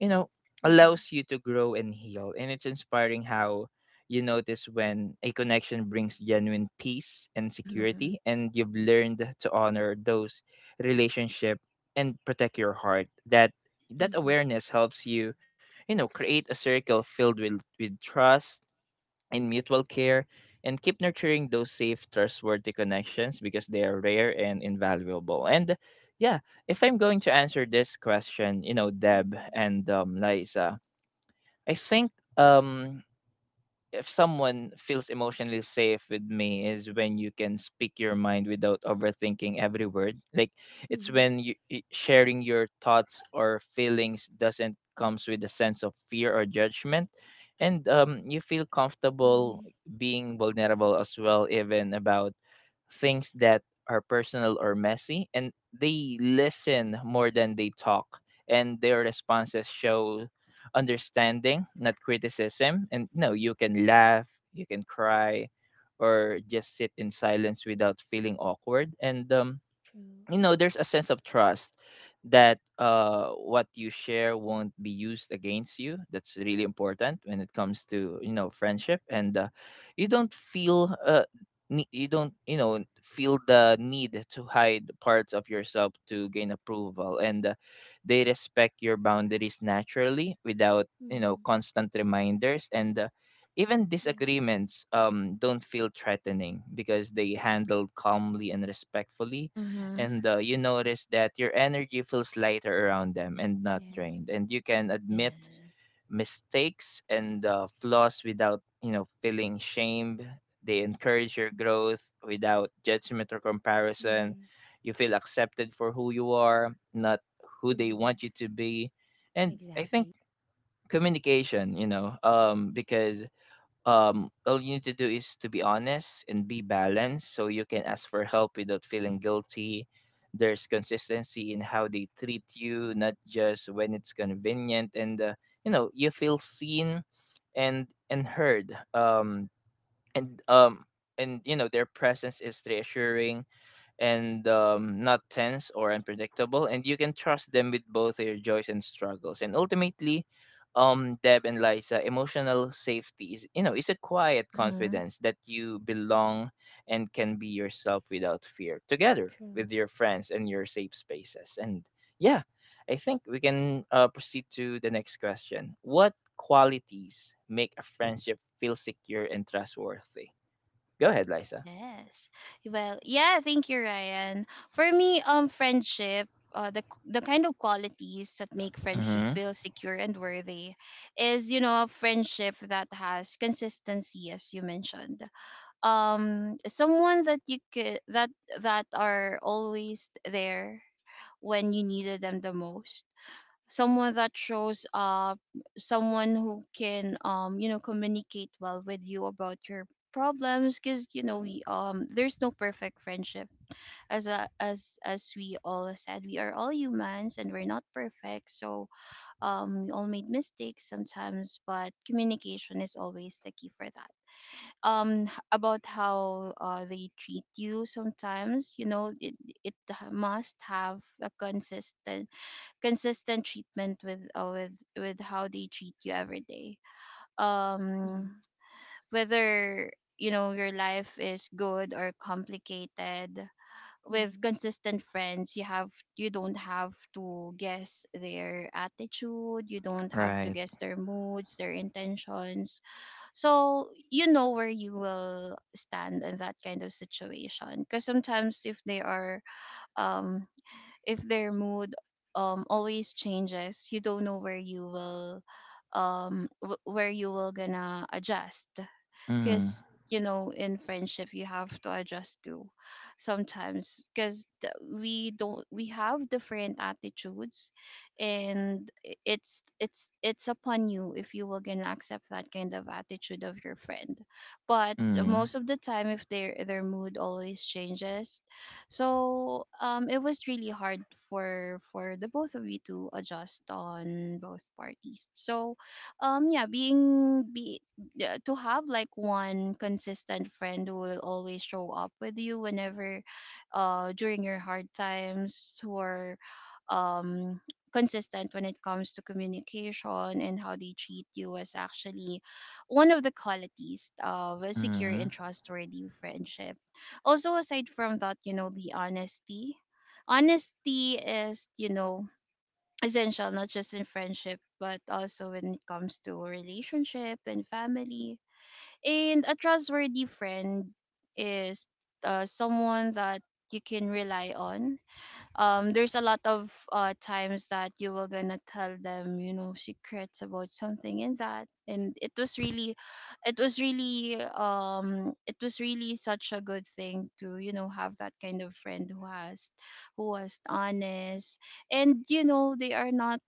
[SPEAKER 1] you know,
[SPEAKER 3] Mm-hmm.
[SPEAKER 1] allows you to grow and heal. And it's inspiring how you notice when a connection brings genuine peace and
[SPEAKER 2] Mm-hmm.
[SPEAKER 1] security, and you've learned to honor those relationship and protect your heart. That that
[SPEAKER 3] Mm-hmm.
[SPEAKER 1] awareness helps you, you know, create a circle filled with with trust and mutual care. And keep nurturing those safe trustworthy connections because they are rare and invaluable. And yeah, if I'm going to answer this question, you know, Deb,
[SPEAKER 3] Mm-hmm.
[SPEAKER 1] and um, Liza, I think um if someone feels emotionally safe with me is when you can speak your mind without overthinking every word. Like it's
[SPEAKER 3] Mm-hmm.
[SPEAKER 1] when you i- sharing your thoughts or feelings doesn't comes with a sense of fear or judgment, and um you feel comfortable
[SPEAKER 3] Mm-hmm.
[SPEAKER 1] being vulnerable as well, even about things that are personal or messy. And they listen more than they talk, and their responses show understanding, not criticism. And no, you can laugh, you can cry, or just sit in silence without feeling awkward, and um
[SPEAKER 3] True.
[SPEAKER 1] you know, there's a sense of trust that uh what you share won't be used against you. That's really important when it comes to, you know, friendship. And uh, you don't feel uh ne- you don't you know feel the need to hide parts of yourself to gain approval. And uh, they respect your boundaries naturally without, you know,
[SPEAKER 3] Mm-hmm.
[SPEAKER 1] constant reminders. And uh, even
[SPEAKER 3] Yes.
[SPEAKER 1] disagreements um don't feel threatening because they handled calmly and respectfully.
[SPEAKER 2] Mm-hmm.
[SPEAKER 1] And uh, you notice that your energy feels lighter around them and not
[SPEAKER 3] Yes.
[SPEAKER 1] drained. And you can admit
[SPEAKER 2] Yes.
[SPEAKER 1] mistakes and uh, flaws without, you know, feeling shame. They encourage your growth without judgment or
[SPEAKER 3] Mm-hmm.
[SPEAKER 1] comparison. You feel accepted for who you are, not who they
[SPEAKER 3] Mm-hmm.
[SPEAKER 1] want you to be. And I
[SPEAKER 3] Exactly.
[SPEAKER 1] think communication, you know, um because um all you need to do is to be honest and be balanced, so you can ask for help without feeling guilty. There's consistency in how they treat you, not just when it's convenient. And uh, you know, you feel seen and and heard, um and um and you know, their presence is reassuring and um, not tense or unpredictable. And you can trust them with both their joys and struggles. And ultimately, um Deb and Liza, emotional safety is, you know, is a quiet
[SPEAKER 2] Mm-hmm.
[SPEAKER 1] confidence that you belong and can be yourself without fear together
[SPEAKER 3] True.
[SPEAKER 1] with your friends and your safe spaces. And yeah, I think we can uh, proceed to the next question. What qualities make a friendship feel secure and trustworthy? Go ahead, Liza.
[SPEAKER 2] Yes. Well, yeah, thank you, Ryan. For me, um, friendship, uh, the the kind of qualities that make friendship
[SPEAKER 1] Mm-hmm.
[SPEAKER 2] feel secure and worthy is, you know, a friendship that has consistency, as you mentioned. Um, someone that you could that that are always there when you needed them the most, someone that shows uh someone who can, um you know communicate well with you about your problems, because, you know we, um there's no perfect friendship. As a, as as we all said, we are all humans, and we're not perfect. So um we all made mistakes sometimes, but communication is always the key for that. Um h- about how, uh, they treat you. Sometimes, you know it, it must have a consistent consistent treatment with, uh, with with how they treat you every day. um
[SPEAKER 3] Mm-hmm.
[SPEAKER 2] Whether, you know your life is good or complicated, with
[SPEAKER 3] Mm-hmm.
[SPEAKER 2] consistent friends, you have you don't have to guess their attitude, you don't have to
[SPEAKER 1] Right.
[SPEAKER 2] guess their moods, their intentions, so you know where you will stand in that kind of situation. Because sometimes, if they are um if their mood, um always changes, you don't know where you will um w- where you will gonna adjust.
[SPEAKER 1] Mm-hmm.
[SPEAKER 2] Because, you know in friendship, you have to adjust to sometimes, because we don't we have different attitudes. And i- it's it's it's upon you if you will gonna accept that kind of attitude of your friend. But
[SPEAKER 1] Mhm,
[SPEAKER 2] most of the time, if their their mood always changes, so um it was really hard for for the both of you to adjust on both parties. So um yeah, being be yeah, to have like one consistent friend who will always show up with you whenever, uh during your hard times, who are, um consistent when it comes to communication and how they treat you, is actually one of the qualities of a secure
[SPEAKER 1] mhm,
[SPEAKER 2] and trustworthy friendship. Also, aside from that, you know the honesty honesty is, you know essential, not just in friendship but also when it comes to relationship and family. And a trustworthy friend is, uh, someone that you can rely on. Um there's a lot of, uh times that you were gonna tell them, you know secrets about something in that. And it was really it was really um it was really such a good thing to, you know have that kind of friend who has who was honest. And, you know, they are not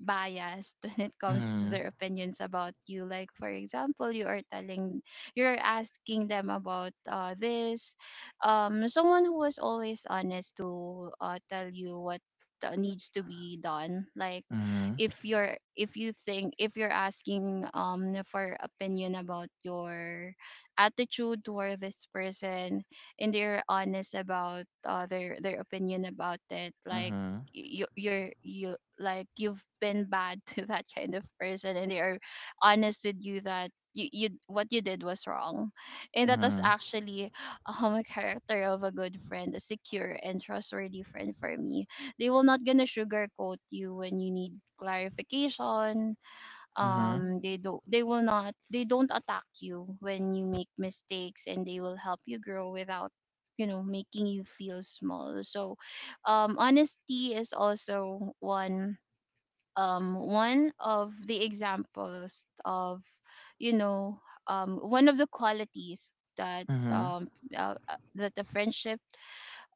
[SPEAKER 2] biased when it comes to
[SPEAKER 1] mhm,
[SPEAKER 2] their opinions about you. Like, for example, you are telling you're asking them about, uh, this, um someone who was always honest to, uh, tell you what, uh, needs to be done. Like,
[SPEAKER 1] mhm,
[SPEAKER 2] if you're if you think if you're asking, um for opinion about your attitude toward this person, and they're honest about, uh, their their opinion about it. Like,
[SPEAKER 1] mhm,
[SPEAKER 2] you you're you like you've been bad to that kind of person, and they are honest with you that you, you what you did was wrong. And that was
[SPEAKER 1] mhm,
[SPEAKER 2] actually, um a character of a good friend, a secure and trustworthy friend for me. They will not gonna sugarcoat you when you need clarification.
[SPEAKER 1] mhm,
[SPEAKER 2] Um
[SPEAKER 3] Mm-hmm.
[SPEAKER 2] they do they will not they don't attack you when you make mistakes, and they will help you grow without, you know making you feel small. So um honesty is also one um one of the examples of, you know um one of the qualities that
[SPEAKER 1] mhm,
[SPEAKER 2] um uh, uh, that the friendship,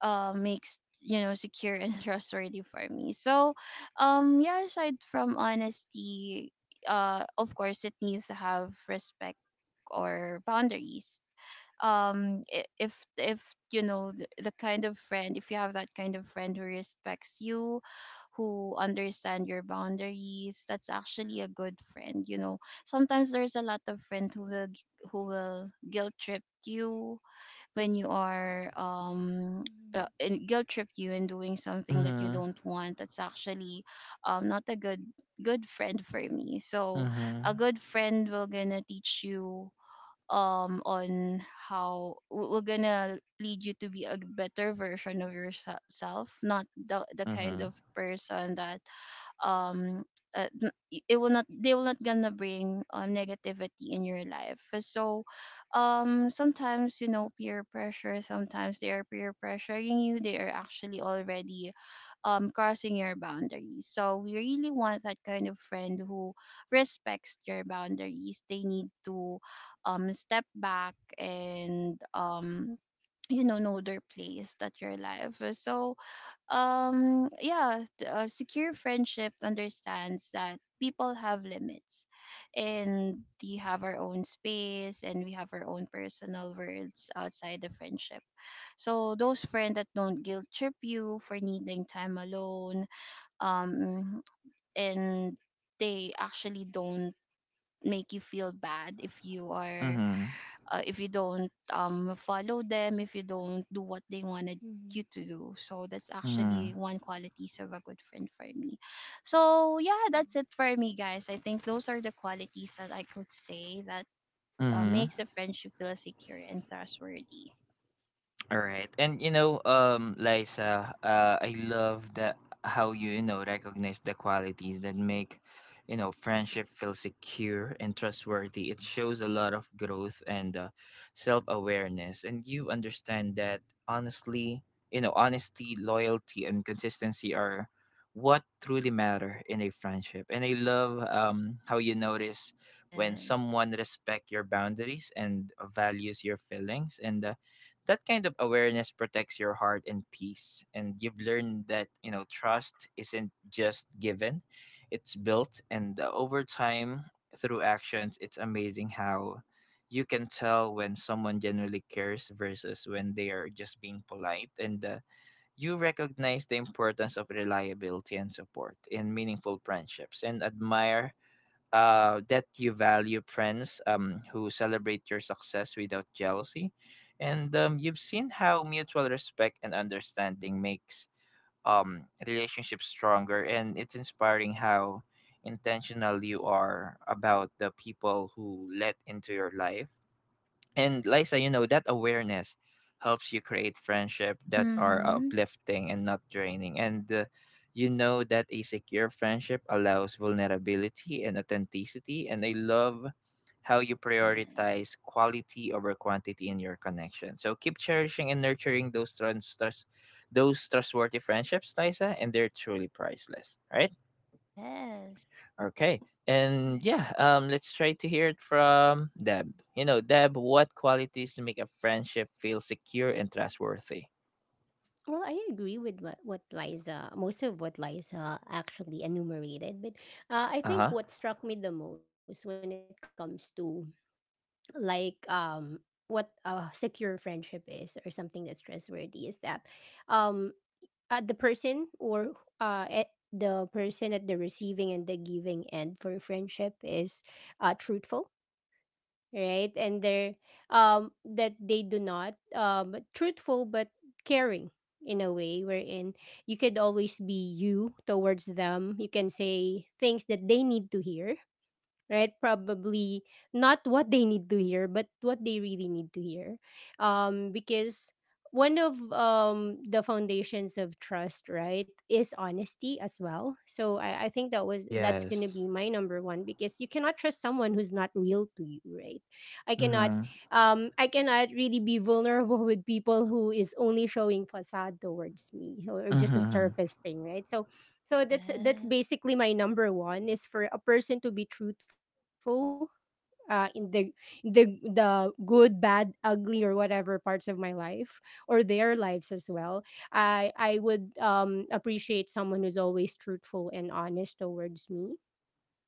[SPEAKER 2] uh makes, you know secure and trustworthy for me. So um yeah, aside from honesty, uh of course, it needs to have respect or boundaries. um i- if if you know the, the kind of friend, if you have that kind of friend who respects you, who understand your boundaries, that's actually a good friend. You know sometimes, there's a lot of friend who will g- who will guilt trip you when, you are um uh, and guilt trip you in doing something that you
[SPEAKER 1] mhm,
[SPEAKER 2] don't want. That's actually, um not a good good friend for me. So a
[SPEAKER 1] mhm,
[SPEAKER 2] good friend will gonna teach you, um on how, w- we're gonna lead you to be a better version of yourself, not the the kind of
[SPEAKER 1] mhm,
[SPEAKER 2] person that, um uh, n- I- it will not they will not gonna bring, um, negativity in your life. So um sometimes, you know peer pressure, sometimes they are peer pressuring you. They are actually already, um crossing your boundaries. So we really want that kind of friend who respects your boundaries. They need to, um step back, and, um you know know their place that your life. So um yeah, th- a secure friendship understands that people have limits, and we have our own space, and we have our own personal worlds outside the friendship. So those friends that don't guilt trip you for needing time alone, um, and they actually don't make you feel bad if, you are
[SPEAKER 1] mhm,
[SPEAKER 2] uh, if you don't, um, follow them, if you don't do what they
[SPEAKER 3] Mm-hmm.
[SPEAKER 2] wanted you to do. So that's actually
[SPEAKER 1] mhm,
[SPEAKER 2] one qualities of a good friend for me. So yeah,
[SPEAKER 3] True.
[SPEAKER 2] that's it for me, guys. I think those are the qualities that I could say that, uh,
[SPEAKER 1] mhm.
[SPEAKER 2] makes a friendship feel secure and trustworthy.
[SPEAKER 1] All right. And you know, um, Liza, uh, I love that how you, you know, recognize the qualities that make, you know, friendship feel secure and trustworthy. It shows a lot of growth and uh, self-awareness. And you understand that honestly, you know, honesty, loyalty, and consistency are what truly matter in a friendship. And I love um how you notice when
[SPEAKER 2] Yes.
[SPEAKER 1] someone respect your boundaries and values your feelings. And uh, that kind of awareness protects your heart and peace. And you've learned that, you know, trust isn't just given, it's built, and uh, over time through actions. It's amazing how you can tell when someone genuinely cares versus when they are just being polite. And uh, you recognize the importance of reliability and support in meaningful friendships. And admire uh, that you value friends um, who celebrate your success without jealousy. And um, you've seen how mutual respect and understanding makes um, relationships stronger. And it's inspiring how intentional you are about the people who let into your life. And Liza, you know, that awareness helps you create friendship that are
[SPEAKER 2] Mm-hmm.
[SPEAKER 1] uplifting and not draining. And uh, you know that a secure friendship allows vulnerability and authenticity. And I love how you prioritize quality over quantity in your connection. So keep cherishing and nurturing those trans- trust, those trustworthy friendships, Liza, and they're truly priceless, right?
[SPEAKER 2] Yes, yes,
[SPEAKER 1] Okay. And yeah,
[SPEAKER 3] Mm-hmm.
[SPEAKER 1] um, let's try to hear it from Deb. You know, Deb, what qualities make a friendship feel secure and trustworthy?
[SPEAKER 3] Well, I agree with what, what Liza, most of what Liza actually enumerated, but uh,
[SPEAKER 1] Uh
[SPEAKER 3] I
[SPEAKER 1] huh.
[SPEAKER 3] think what struck me the most when it comes to, like, um what a secure friendship is, or something that's trustworthy, is that um uh, the person or uh eh, the person at the receiving and the giving end for friendship is uh truthful, right? And they're um that they do not um truthful but caring, in a way wherein you could always be you towards them. You can say things that they need to hear, right? Probably not what they need to hear, but what they really need to hear, um because one of, um the foundations of trust, right, is honesty as well. So i, I think that was that's gonna
[SPEAKER 1] Yes.
[SPEAKER 3] be my number one, because you cannot trust someone who's not real to you, right? i cannot
[SPEAKER 1] Mm-hmm.
[SPEAKER 3] um i cannot really be vulnerable with people who is only showing facade towards me, or or just a
[SPEAKER 1] Mm-hmm.
[SPEAKER 3] surface thing, right? So so that's that's
[SPEAKER 2] yes.
[SPEAKER 3] basically my number one, is for a person to be truthful, uh, in the the the good, bad, ugly, or whatever parts of my life or their lives as well. I I would, um, appreciate someone who's always truthful and honest towards me.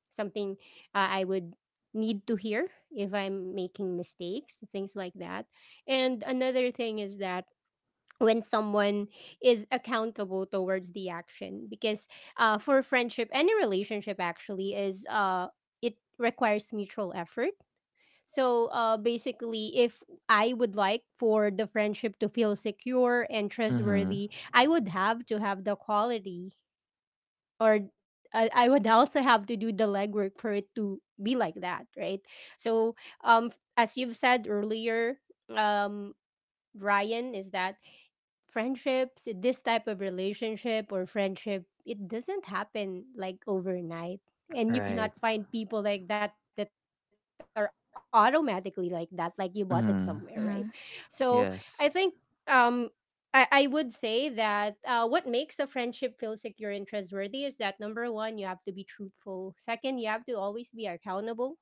[SPEAKER 3] Something, uh, I would need to hear if I'm making mistakes, things like that. And another thing is that when someone is accountable towards the action because uh, for friendship, any relationship actually, is uh, it requires mutual effort. So uh, basically, if I would like for the friendship to feel secure and
[SPEAKER 1] Mm-hmm.
[SPEAKER 3] trustworthy, I would have to have the quality, or uh, I would also have to do the legwork for it to be like that, right? So um as you've said earlier, um Ryan, is that friendships, this type of relationship or friendship, it doesn't happen like overnight, and you
[SPEAKER 1] Right.
[SPEAKER 3] cannot find people like that that are automatically like that, like you bought it
[SPEAKER 1] Mm-hmm.
[SPEAKER 3] somewhere, right?
[SPEAKER 2] Mm-hmm.
[SPEAKER 3] So I
[SPEAKER 1] Yes.
[SPEAKER 3] think um I, I would say that uh, what makes a friendship feel secure and trustworthy is that number one, you have to be truthful. Second, you have to always be accountable.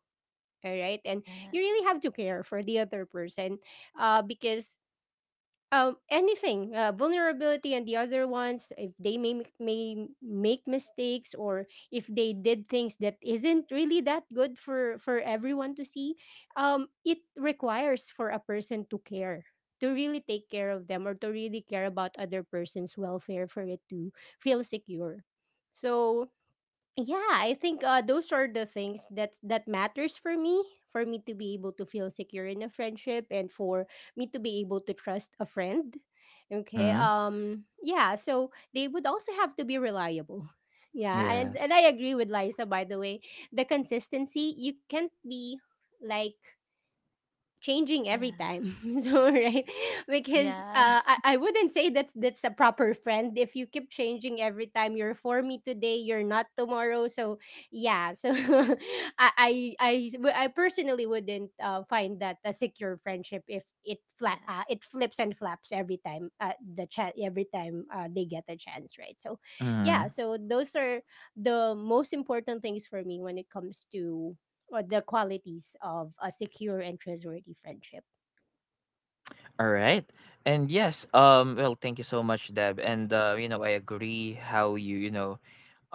[SPEAKER 3] All right. And you
[SPEAKER 2] Yes.
[SPEAKER 3] really have to care for the other person, uh, because um anything, uh, vulnerability and the other ones, if they may m- may make mistakes or if they did things that isn't really that good for for everyone to see, um it requires for a person to care, to really take care of them or to really care about other person's welfare for it to feel secure. So yeah, I think uh, those are the things that that matters for me, for me to be able to feel secure in a friendship and for me to be able to trust a friend. Okay.
[SPEAKER 1] Mm-hmm.
[SPEAKER 3] Um yeah, so they would also have to be reliable. Yeah, and and
[SPEAKER 1] Yes.
[SPEAKER 3] I agree with Liza, by the way. The consistency, you can't be like changing every time.
[SPEAKER 2] Yes.
[SPEAKER 3] So right, because
[SPEAKER 2] Yeah.
[SPEAKER 3] uh I, I wouldn't say that that's a proper friend if you keep changing every time. You're for me today, you're not tomorrow. So yeah. So I, I i w- I personally wouldn't uh, find that a secure friendship if it fla-
[SPEAKER 2] Yeah.
[SPEAKER 3] uh, it flips and flaps every time, uh, the chat, every time uh, they get a chance, right? So yeah,
[SPEAKER 1] Mm-hmm.
[SPEAKER 3] so those are the most important things for me when it comes to, or the qualities of, a secure and trustworthy friendship.
[SPEAKER 1] All right. And yes, um, well, thank you so much, Deb. And uh, you know, I agree how you, you know,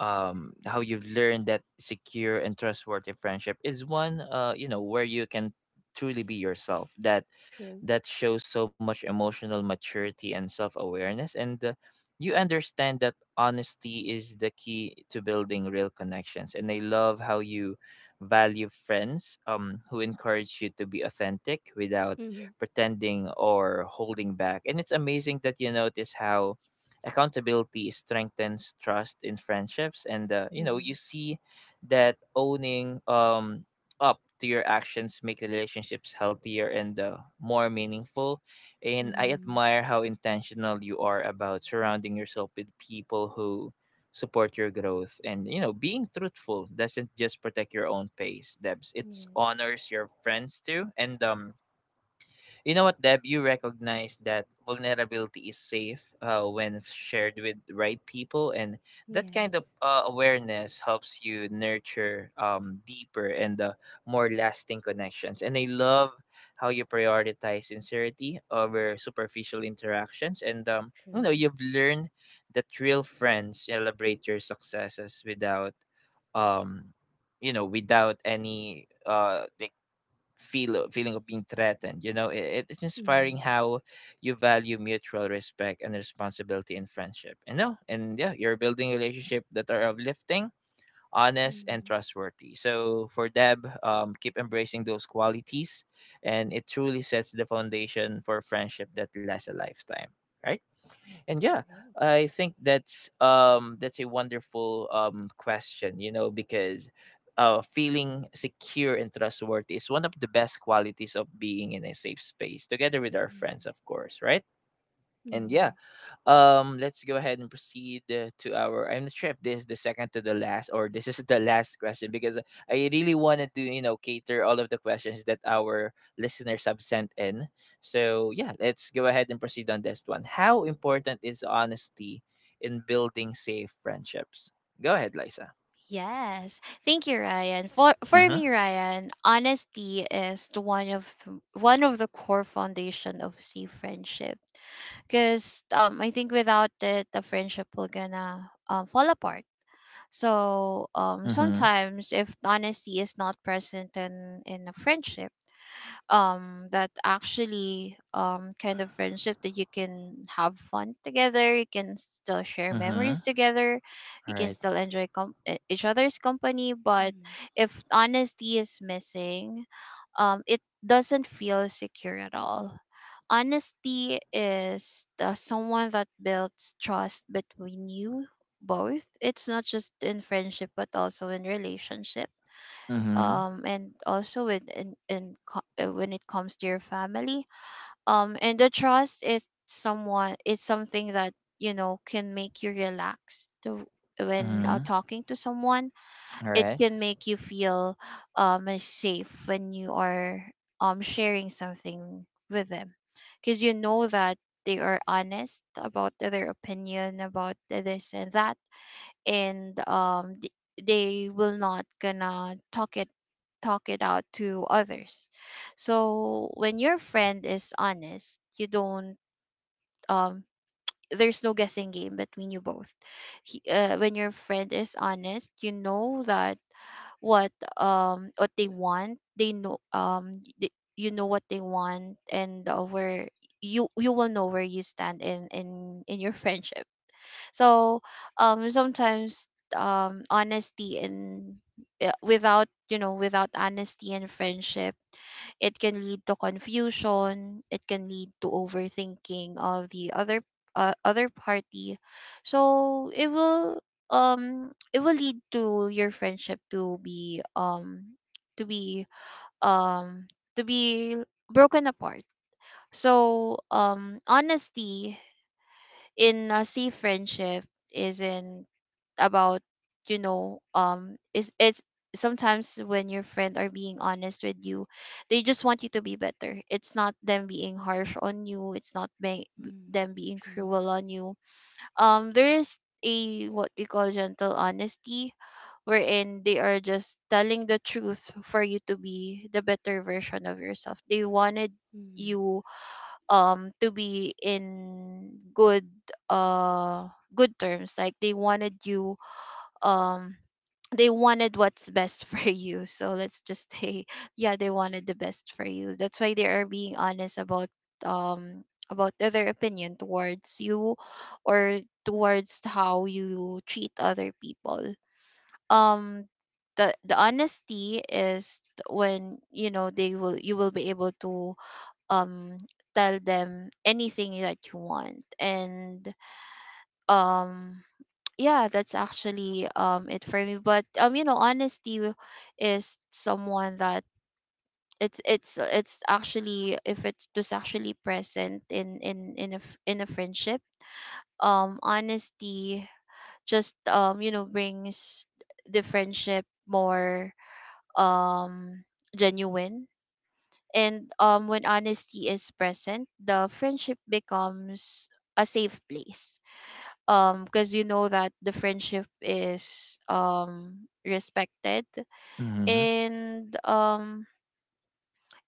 [SPEAKER 1] um how you've learned that secure and trustworthy friendship is one uh you know, where you can truly be yourself. that
[SPEAKER 3] True.
[SPEAKER 1] that shows so much emotional maturity and self-awareness. And uh, you understand that honesty is the key to building real connections. And I love how you value friends um who encourage you to be authentic without
[SPEAKER 3] Mm-hmm.
[SPEAKER 1] pretending or holding back. And it's amazing that you notice how accountability strengthens trust in friendships. And uh, you know, you
[SPEAKER 3] Mm-hmm.
[SPEAKER 1] see that owning um up to your actions make relationships healthier and uh, more meaningful. And I
[SPEAKER 3] Mm-hmm.
[SPEAKER 1] admire how intentional you are about surrounding yourself with people who support your growth. And you know, being truthful doesn't just protect your own pace, Debs, it
[SPEAKER 3] Yes.
[SPEAKER 1] honors your friends too. And um you know what, Deb? You recognize that vulnerability is safe uh, when shared with the right people, and that
[SPEAKER 3] Yes.
[SPEAKER 1] kind of uh, awareness helps you nurture um, deeper and uh, more lasting connections. And I love how you prioritize sincerity over superficial interactions. And um, you know,
[SPEAKER 3] True.
[SPEAKER 1] you've learned that real friends celebrate your successes without um you know, without any uh like feel o- feeling of being threatened. You know, it, it's
[SPEAKER 3] Mm-hmm.
[SPEAKER 1] inspiring how you value mutual respect and responsibility in friendship, you know. And yeah, you're building relationship that are uplifting, honest, and
[SPEAKER 3] Mm-hmm.
[SPEAKER 1] trustworthy. So for Deb, um, keep embracing those qualities, and it truly sets the foundation for friendship that lasts a lifetime, right? And yeah,
[SPEAKER 3] Right.
[SPEAKER 1] I think that's um that's a wonderful um question, you know, because uh feeling secure and trustworthy is one of the best qualities of being in a safe space together with our friends,
[SPEAKER 3] Mm-hmm.
[SPEAKER 1] of course, right? And yeah,
[SPEAKER 3] Mm-hmm.
[SPEAKER 1] um, let's go ahead and proceed uh, to our. I'm not sure if this is the second to the last or this is the last question, because I really wanted to, you know, cater all of the questions that our listeners have sent in. So yeah, let's go ahead and proceed on this one. How important is honesty in building safe friendships? Go ahead, Lisa.
[SPEAKER 2] Yes. Thank you, Ryan. For for
[SPEAKER 1] Mm-hmm.
[SPEAKER 2] me, Ryan, honesty is the one of, th- one of the core foundation of safe friendship. Cause, um I think without it, the friendship will gonna, um fall apart. So um
[SPEAKER 1] Mm-hmm.
[SPEAKER 2] sometimes, if honesty is not present in in a friendship, um that actually, um kind of friendship that you can have fun together, you can still share memories
[SPEAKER 1] Mm-hmm.
[SPEAKER 2] together, you
[SPEAKER 1] All
[SPEAKER 2] can
[SPEAKER 1] right.
[SPEAKER 2] still enjoy, com- e- each other's company. But
[SPEAKER 3] Mm-hmm.
[SPEAKER 2] if honesty is missing, um it doesn't feel secure at all. Honesty is the someone that builds trust between you both. It's not just in friendship, but also in relationship,
[SPEAKER 1] Mm-hmm.
[SPEAKER 2] um and also, with in, in co- uh, when it comes to your family. Um and the trust is someone is something that, you know can make you relax to when, uh,
[SPEAKER 1] Mm-hmm.
[SPEAKER 2] talking to someone.
[SPEAKER 1] All
[SPEAKER 2] It
[SPEAKER 1] right.
[SPEAKER 2] can make you feel, um uh, safe when you are, um sharing something with them, because you know that they are honest about their opinion about this and that. And, um th- they will not gonna talk it talk it out to others. So when your friend is honest, you don't, um there's no guessing game between you both. He, uh, when your friend is honest, you know that what um what they want. They know um they, you know what they want, and, uh, where you you will know where you stand in in in your friendship. So um sometimes, um honesty, and, uh, without you know without honesty and friendship, it can lead to confusion, it can lead to overthinking of the other uh, other party. So it will, um it will lead to your friendship to be um to be um to be broken apart. So um honesty in a sea friendship isn't about, you know um is it's sometimes when your friend are being honest with you, they just want you to be better. It's not them being harsh on you, it's not being
[SPEAKER 3] Mm-hmm.
[SPEAKER 2] them being
[SPEAKER 3] True.
[SPEAKER 2] cruel on you. Um there is a, what we call, gentle honesty, wherein they are just telling the truth for you to be the better version of yourself. They wanted
[SPEAKER 3] Mm-hmm.
[SPEAKER 2] you, um to be in good uh good terms. Like, they wanted you um they wanted what's best for you. So let's just say, yeah, they wanted the best for you. That's why they are being honest about, um about their opinion towards you, or towards how you treat other people. Um the the honesty is when, you know they will you will be able to, um tell them anything that you want. And um yeah, that's actually, um it for me. But, um you know honesty, w- is someone that, it's it's it's actually, if it was actually present in in in a f- in a friendship, um honesty just, um you know brings the friendship more, um genuine. And, um, when honesty is present, the friendship becomes a safe place. Um, because you know that the friendship is, um respected,
[SPEAKER 1] Mm-hmm.
[SPEAKER 2] and, um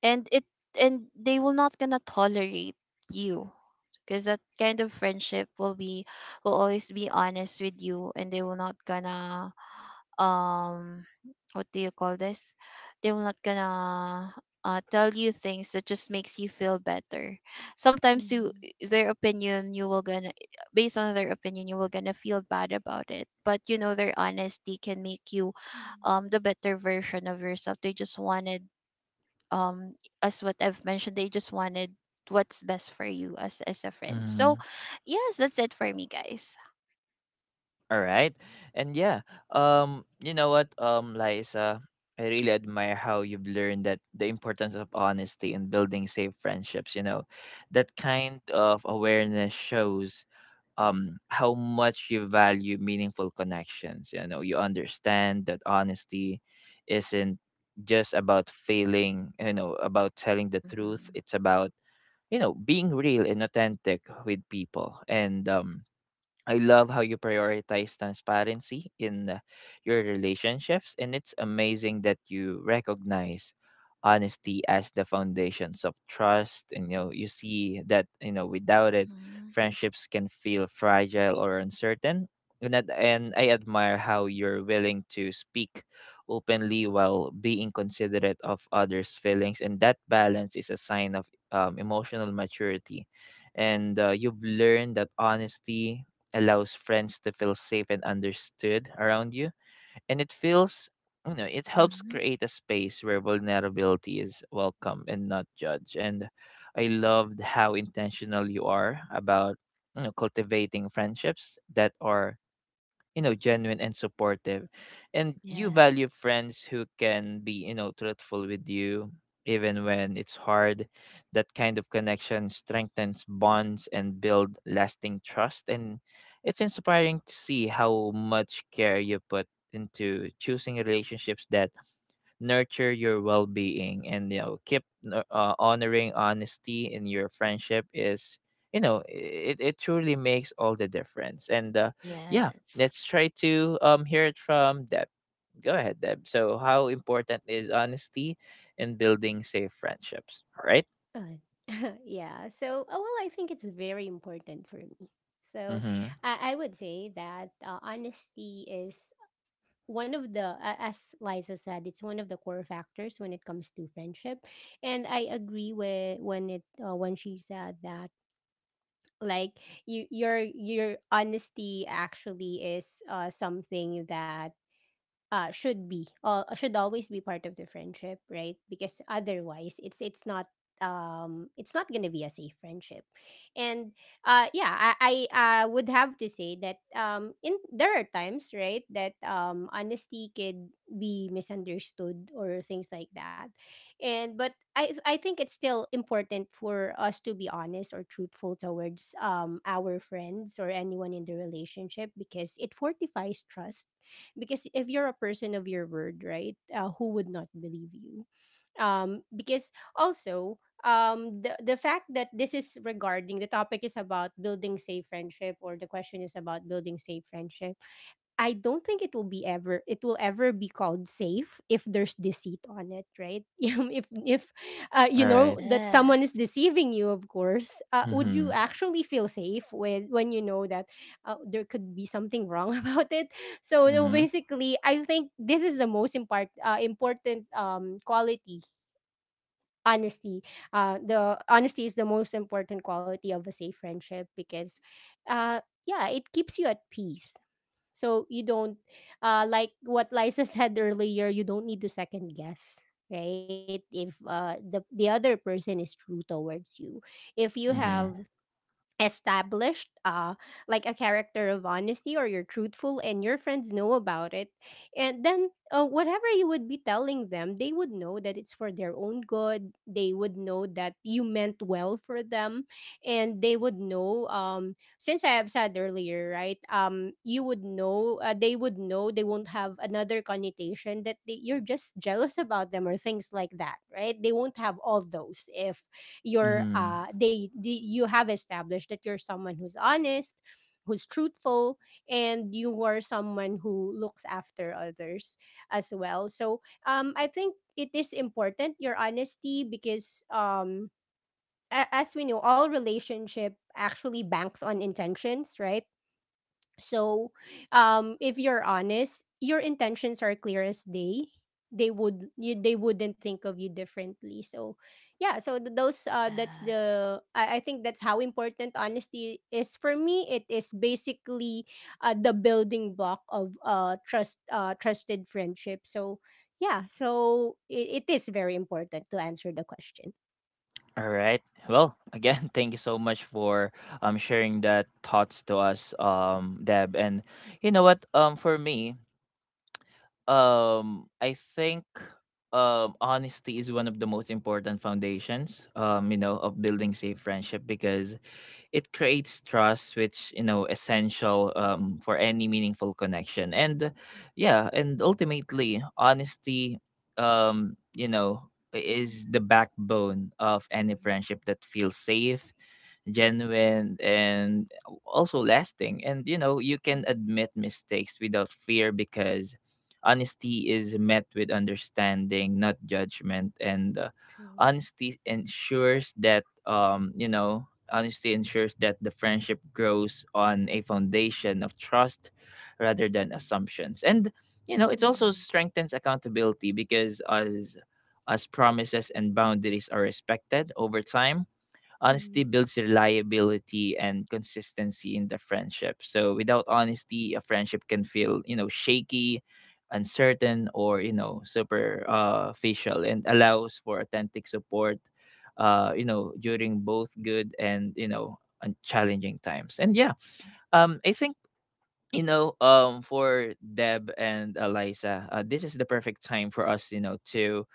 [SPEAKER 2] and it and they will not gonna tolerate you, because that kind of friendship will be will always be honest with you. And they will not gonna, um what do you call this, they will not gonna, uh, tell you things that just makes you feel better. Sometimes, you
[SPEAKER 3] Mm-hmm.
[SPEAKER 2] their opinion you will gonna based on their opinion you will gonna feel bad about it. But, you know, their honesty can make you, um the better version of yourself. They just wanted, um as what I've mentioned, they just wanted what's best for you as as a friend.
[SPEAKER 1] Mm-hmm.
[SPEAKER 2] So yes, that's it for me, guys.
[SPEAKER 1] All right. And yeah, um, you know what, um, Liza, I really admire how you've learned that the importance of honesty in building safe friendships, you know. That kind of awareness shows um how much you value meaningful connections. You know, you understand that honesty isn't just about feeling, you know, about telling the truth.
[SPEAKER 2] Mm-hmm.
[SPEAKER 1] It's about, you know, being real and authentic with people. And um I love how you prioritize transparency in uh, your relationships. And it's amazing that you recognize honesty as the foundations of trust. And you know, you see that, you know, without it,
[SPEAKER 2] Mm-hmm.
[SPEAKER 1] friendships can feel fragile or uncertain. And that, and I admire how you're willing to speak openly while being considerate of others' feelings, and that balance is a sign of um, emotional maturity. And uh, you've learned that honesty allows friends to feel safe and understood around you. And it feels, you know, it helps
[SPEAKER 2] Mm-hmm.
[SPEAKER 1] create a space where vulnerability is welcome and not judged. And I loved how intentional you are about, you know, cultivating friendships that are you know genuine and supportive, and you
[SPEAKER 2] Yes.
[SPEAKER 1] value friends who can be you know truthful with you even when it's hard. That kind of connection strengthens bonds and build lasting trust, and it's inspiring to see how much care you put into choosing relationships that nurture your well-being. And you know keep n- uh, honoring honesty in your friendship, is you know it, it truly makes all the difference. And uh, yeah,
[SPEAKER 2] Yes.
[SPEAKER 1] let's try to um hear it from Deb. Go ahead, Deb. So how important is honesty in building safe friendships? All right.
[SPEAKER 3] Mm-hmm. Uh, yeah. So, uh, well, I think it's very important for me. So,
[SPEAKER 1] Mm-hmm.
[SPEAKER 3] I, I would say that uh, honesty is one of the, a- as Liza said, it's one of the core factors when it comes to friendship. And I agree with when it, uh, when she said that, like, you, your your honesty actually is uh, something that, uh, should be, uh, should always be part of the friendship, right? Because otherwise, it's it's not, um it's not gonna be a safe friendship. And uh yeah, i i uh, would have to say that um in, there are times, right, that um honesty could be misunderstood or things like that, and but i i think it's still important for us to be honest or truthful towards um our friends or anyone in the relationship, because it fortifies trust. Because if you're a person of your word, right, uh, who would not believe you? Um because also, um the, the fact that this is, regarding the topic, is about building safe friendship, or the question is about building safe friendship, I don't think it will be ever, it will ever be called safe if there's deceit on it, right? Um, if if uh,
[SPEAKER 1] All
[SPEAKER 3] you know
[SPEAKER 1] right.
[SPEAKER 3] that someone is
[SPEAKER 2] Yes.
[SPEAKER 3] deceiving you, of course, uh, would
[SPEAKER 1] Mm-hmm.
[SPEAKER 3] you actually feel safe when when you know that uh, there could be something wrong about it? So no,
[SPEAKER 1] Mm-hmm.
[SPEAKER 3] basically, I think this is the most impart, uh, important um, quality, honesty. Uh the honesty is the most important quality of a safe friendship, because uh yeah, it keeps you at peace. So you don't, uh, like what Liza said earlier, you don't need to second guess, right? If uh, the, the other person is true towards you, if you
[SPEAKER 1] Mm-hmm.
[SPEAKER 3] have
[SPEAKER 2] Yes.
[SPEAKER 3] established uh like a character of honesty, or you're truthful and your friends know about it, and then uh, whatever you would be telling them, they would know that it's for their own good. They would know that you meant well for them, and they would know, um since I have said earlier, right, um you would know, uh, they would know, they won't have another connotation that they, you're just jealous about them or things like that, right? They won't have all those if you're, uh
[SPEAKER 1] Mm-hmm.
[SPEAKER 3] they, they you have established that you're someone who's honest, who's truthful, and you are someone who looks after others as well. So um I think it is important, your honesty, because um a- as we know, all relationship actually banks on intentions, right? So, um, if you're honest, your intentions are clear as day. They would, you, they wouldn't think of you differently. So, yeah. So th- those uh, that's
[SPEAKER 2] Yes.
[SPEAKER 3] the, I, I think that's how important honesty is for me. It is basically uh, the building block of uh trust, uh trusted friendship. So yeah. So it, it is very important, to answer the question.
[SPEAKER 1] All right. Well, again, thank you so much for um sharing that thoughts to us, um, Deb. And you know what? Um, for me, um, I think um honesty is one of the most important foundations, um, you know, of building safe friendship, because it creates trust, which you know essential um, for any meaningful connection. And yeah, and ultimately honesty um you know is
[SPEAKER 3] Mm-hmm,
[SPEAKER 1] the backbone of any
[SPEAKER 3] mm-hmm,
[SPEAKER 1] friendship that feels safe, genuine, and also lasting. And you know, you can
[SPEAKER 3] mm-hmm.
[SPEAKER 1] admit mistakes without fear, because honesty is met with understanding, not judgment. And uh,
[SPEAKER 3] True.
[SPEAKER 1] honesty ensures that um you know Honesty ensures that the friendship grows on a foundation of trust rather than assumptions. And you know, it also
[SPEAKER 3] Mm-hmm,
[SPEAKER 1] strengthens accountability, because as as promises and boundaries are respected over time, honesty
[SPEAKER 3] mm-hmm.
[SPEAKER 1] builds reliability and consistency in the friendship. So without honesty, a friendship can feel, you know, shaky, uncertain, or you know, super uh, facial, and allows for authentic support Uh, you know, during both good and you know, and challenging times. And yeah, um, I think you know, um, for Deb and Eliza, uh, this is the perfect time for us, you know, to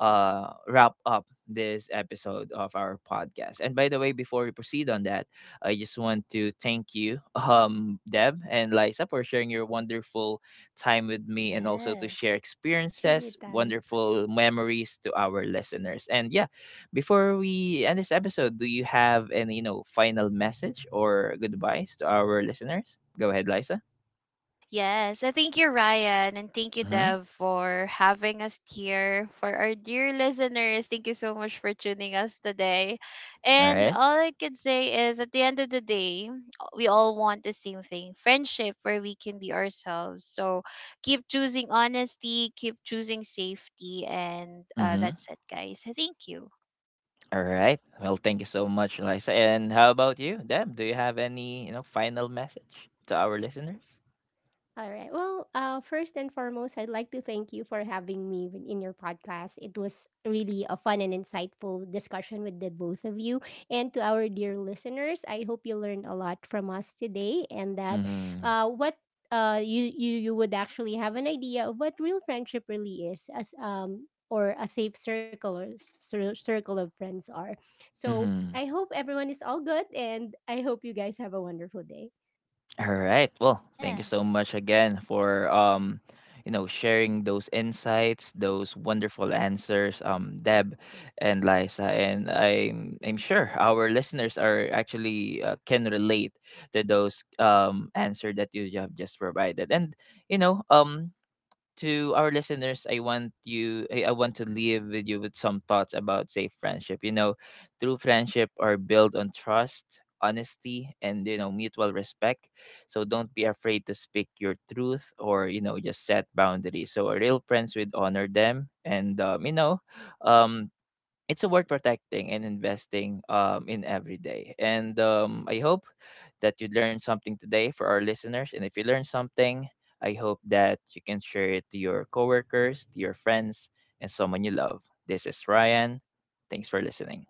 [SPEAKER 1] uh, wrap up this episode of our podcast. And by the way, before we proceed on that, I just want to thank you, um, Deb and Liza, for sharing your wonderful time with me and also to
[SPEAKER 2] Yes.
[SPEAKER 1] share experiences,
[SPEAKER 3] Anytime.
[SPEAKER 1] wonderful memories to our listeners. And yeah, before we end this episode, do you have any, you know, final message or goodbyes to our listeners? Go ahead, Liza.
[SPEAKER 2] Yes. I thank you, Ryan, and thank you,
[SPEAKER 1] Mhm.
[SPEAKER 2] Dev, for having us here. For our dear listeners, thank you so much for tuning us today. And
[SPEAKER 1] Alright.
[SPEAKER 2] all I can say is, at the end of the day, we all want the same thing: friendship where we can be ourselves. So keep choosing honesty, keep choosing safety, and, uh,
[SPEAKER 1] Mhm.
[SPEAKER 2] that's it, guys. Thank you.
[SPEAKER 1] Alright. Well, thank you so much, Liza. And how about you, Deb? Do you have any, you know, final message to our listeners?
[SPEAKER 3] All right. Well, uh, first and foremost, I'd like to thank you for having me wi- in your podcast. It was really a fun and insightful discussion with the both of you. And to our dear listeners, I hope you learned a lot from us today, and that
[SPEAKER 1] Mhm.
[SPEAKER 3] uh, what uh, you, you, you would actually have an idea of what real friendship really is, as um, or a safe circle or cir- circle of friends are. So
[SPEAKER 1] Mhm.
[SPEAKER 3] I hope everyone is all good, and I hope you guys have a wonderful day.
[SPEAKER 1] Alright. Well, thank you so
[SPEAKER 2] Yes.
[SPEAKER 1] much again for um, you know, sharing those insights, those wonderful answers, um, Deb and Liza. And I'm I'm sure our listeners are actually uh, can relate to those um answer that you have just provided. And you know, um to our listeners, I want you, I, I want to leave with you with some thoughts about safe friendship. You know, true friendship are built on trust, honesty, and, you know, mutual respect. So don't be afraid to speak your truth or, you know, just set boundaries. So a real friends would honor them, and, um, you know, um, it's worth protecting and investing um, in every day. And um, I hope that you learned something today for our listeners. And if you learned something, I hope that you can share it to your coworkers, to your friends, and someone you love. This is Ryan. Thanks for listening.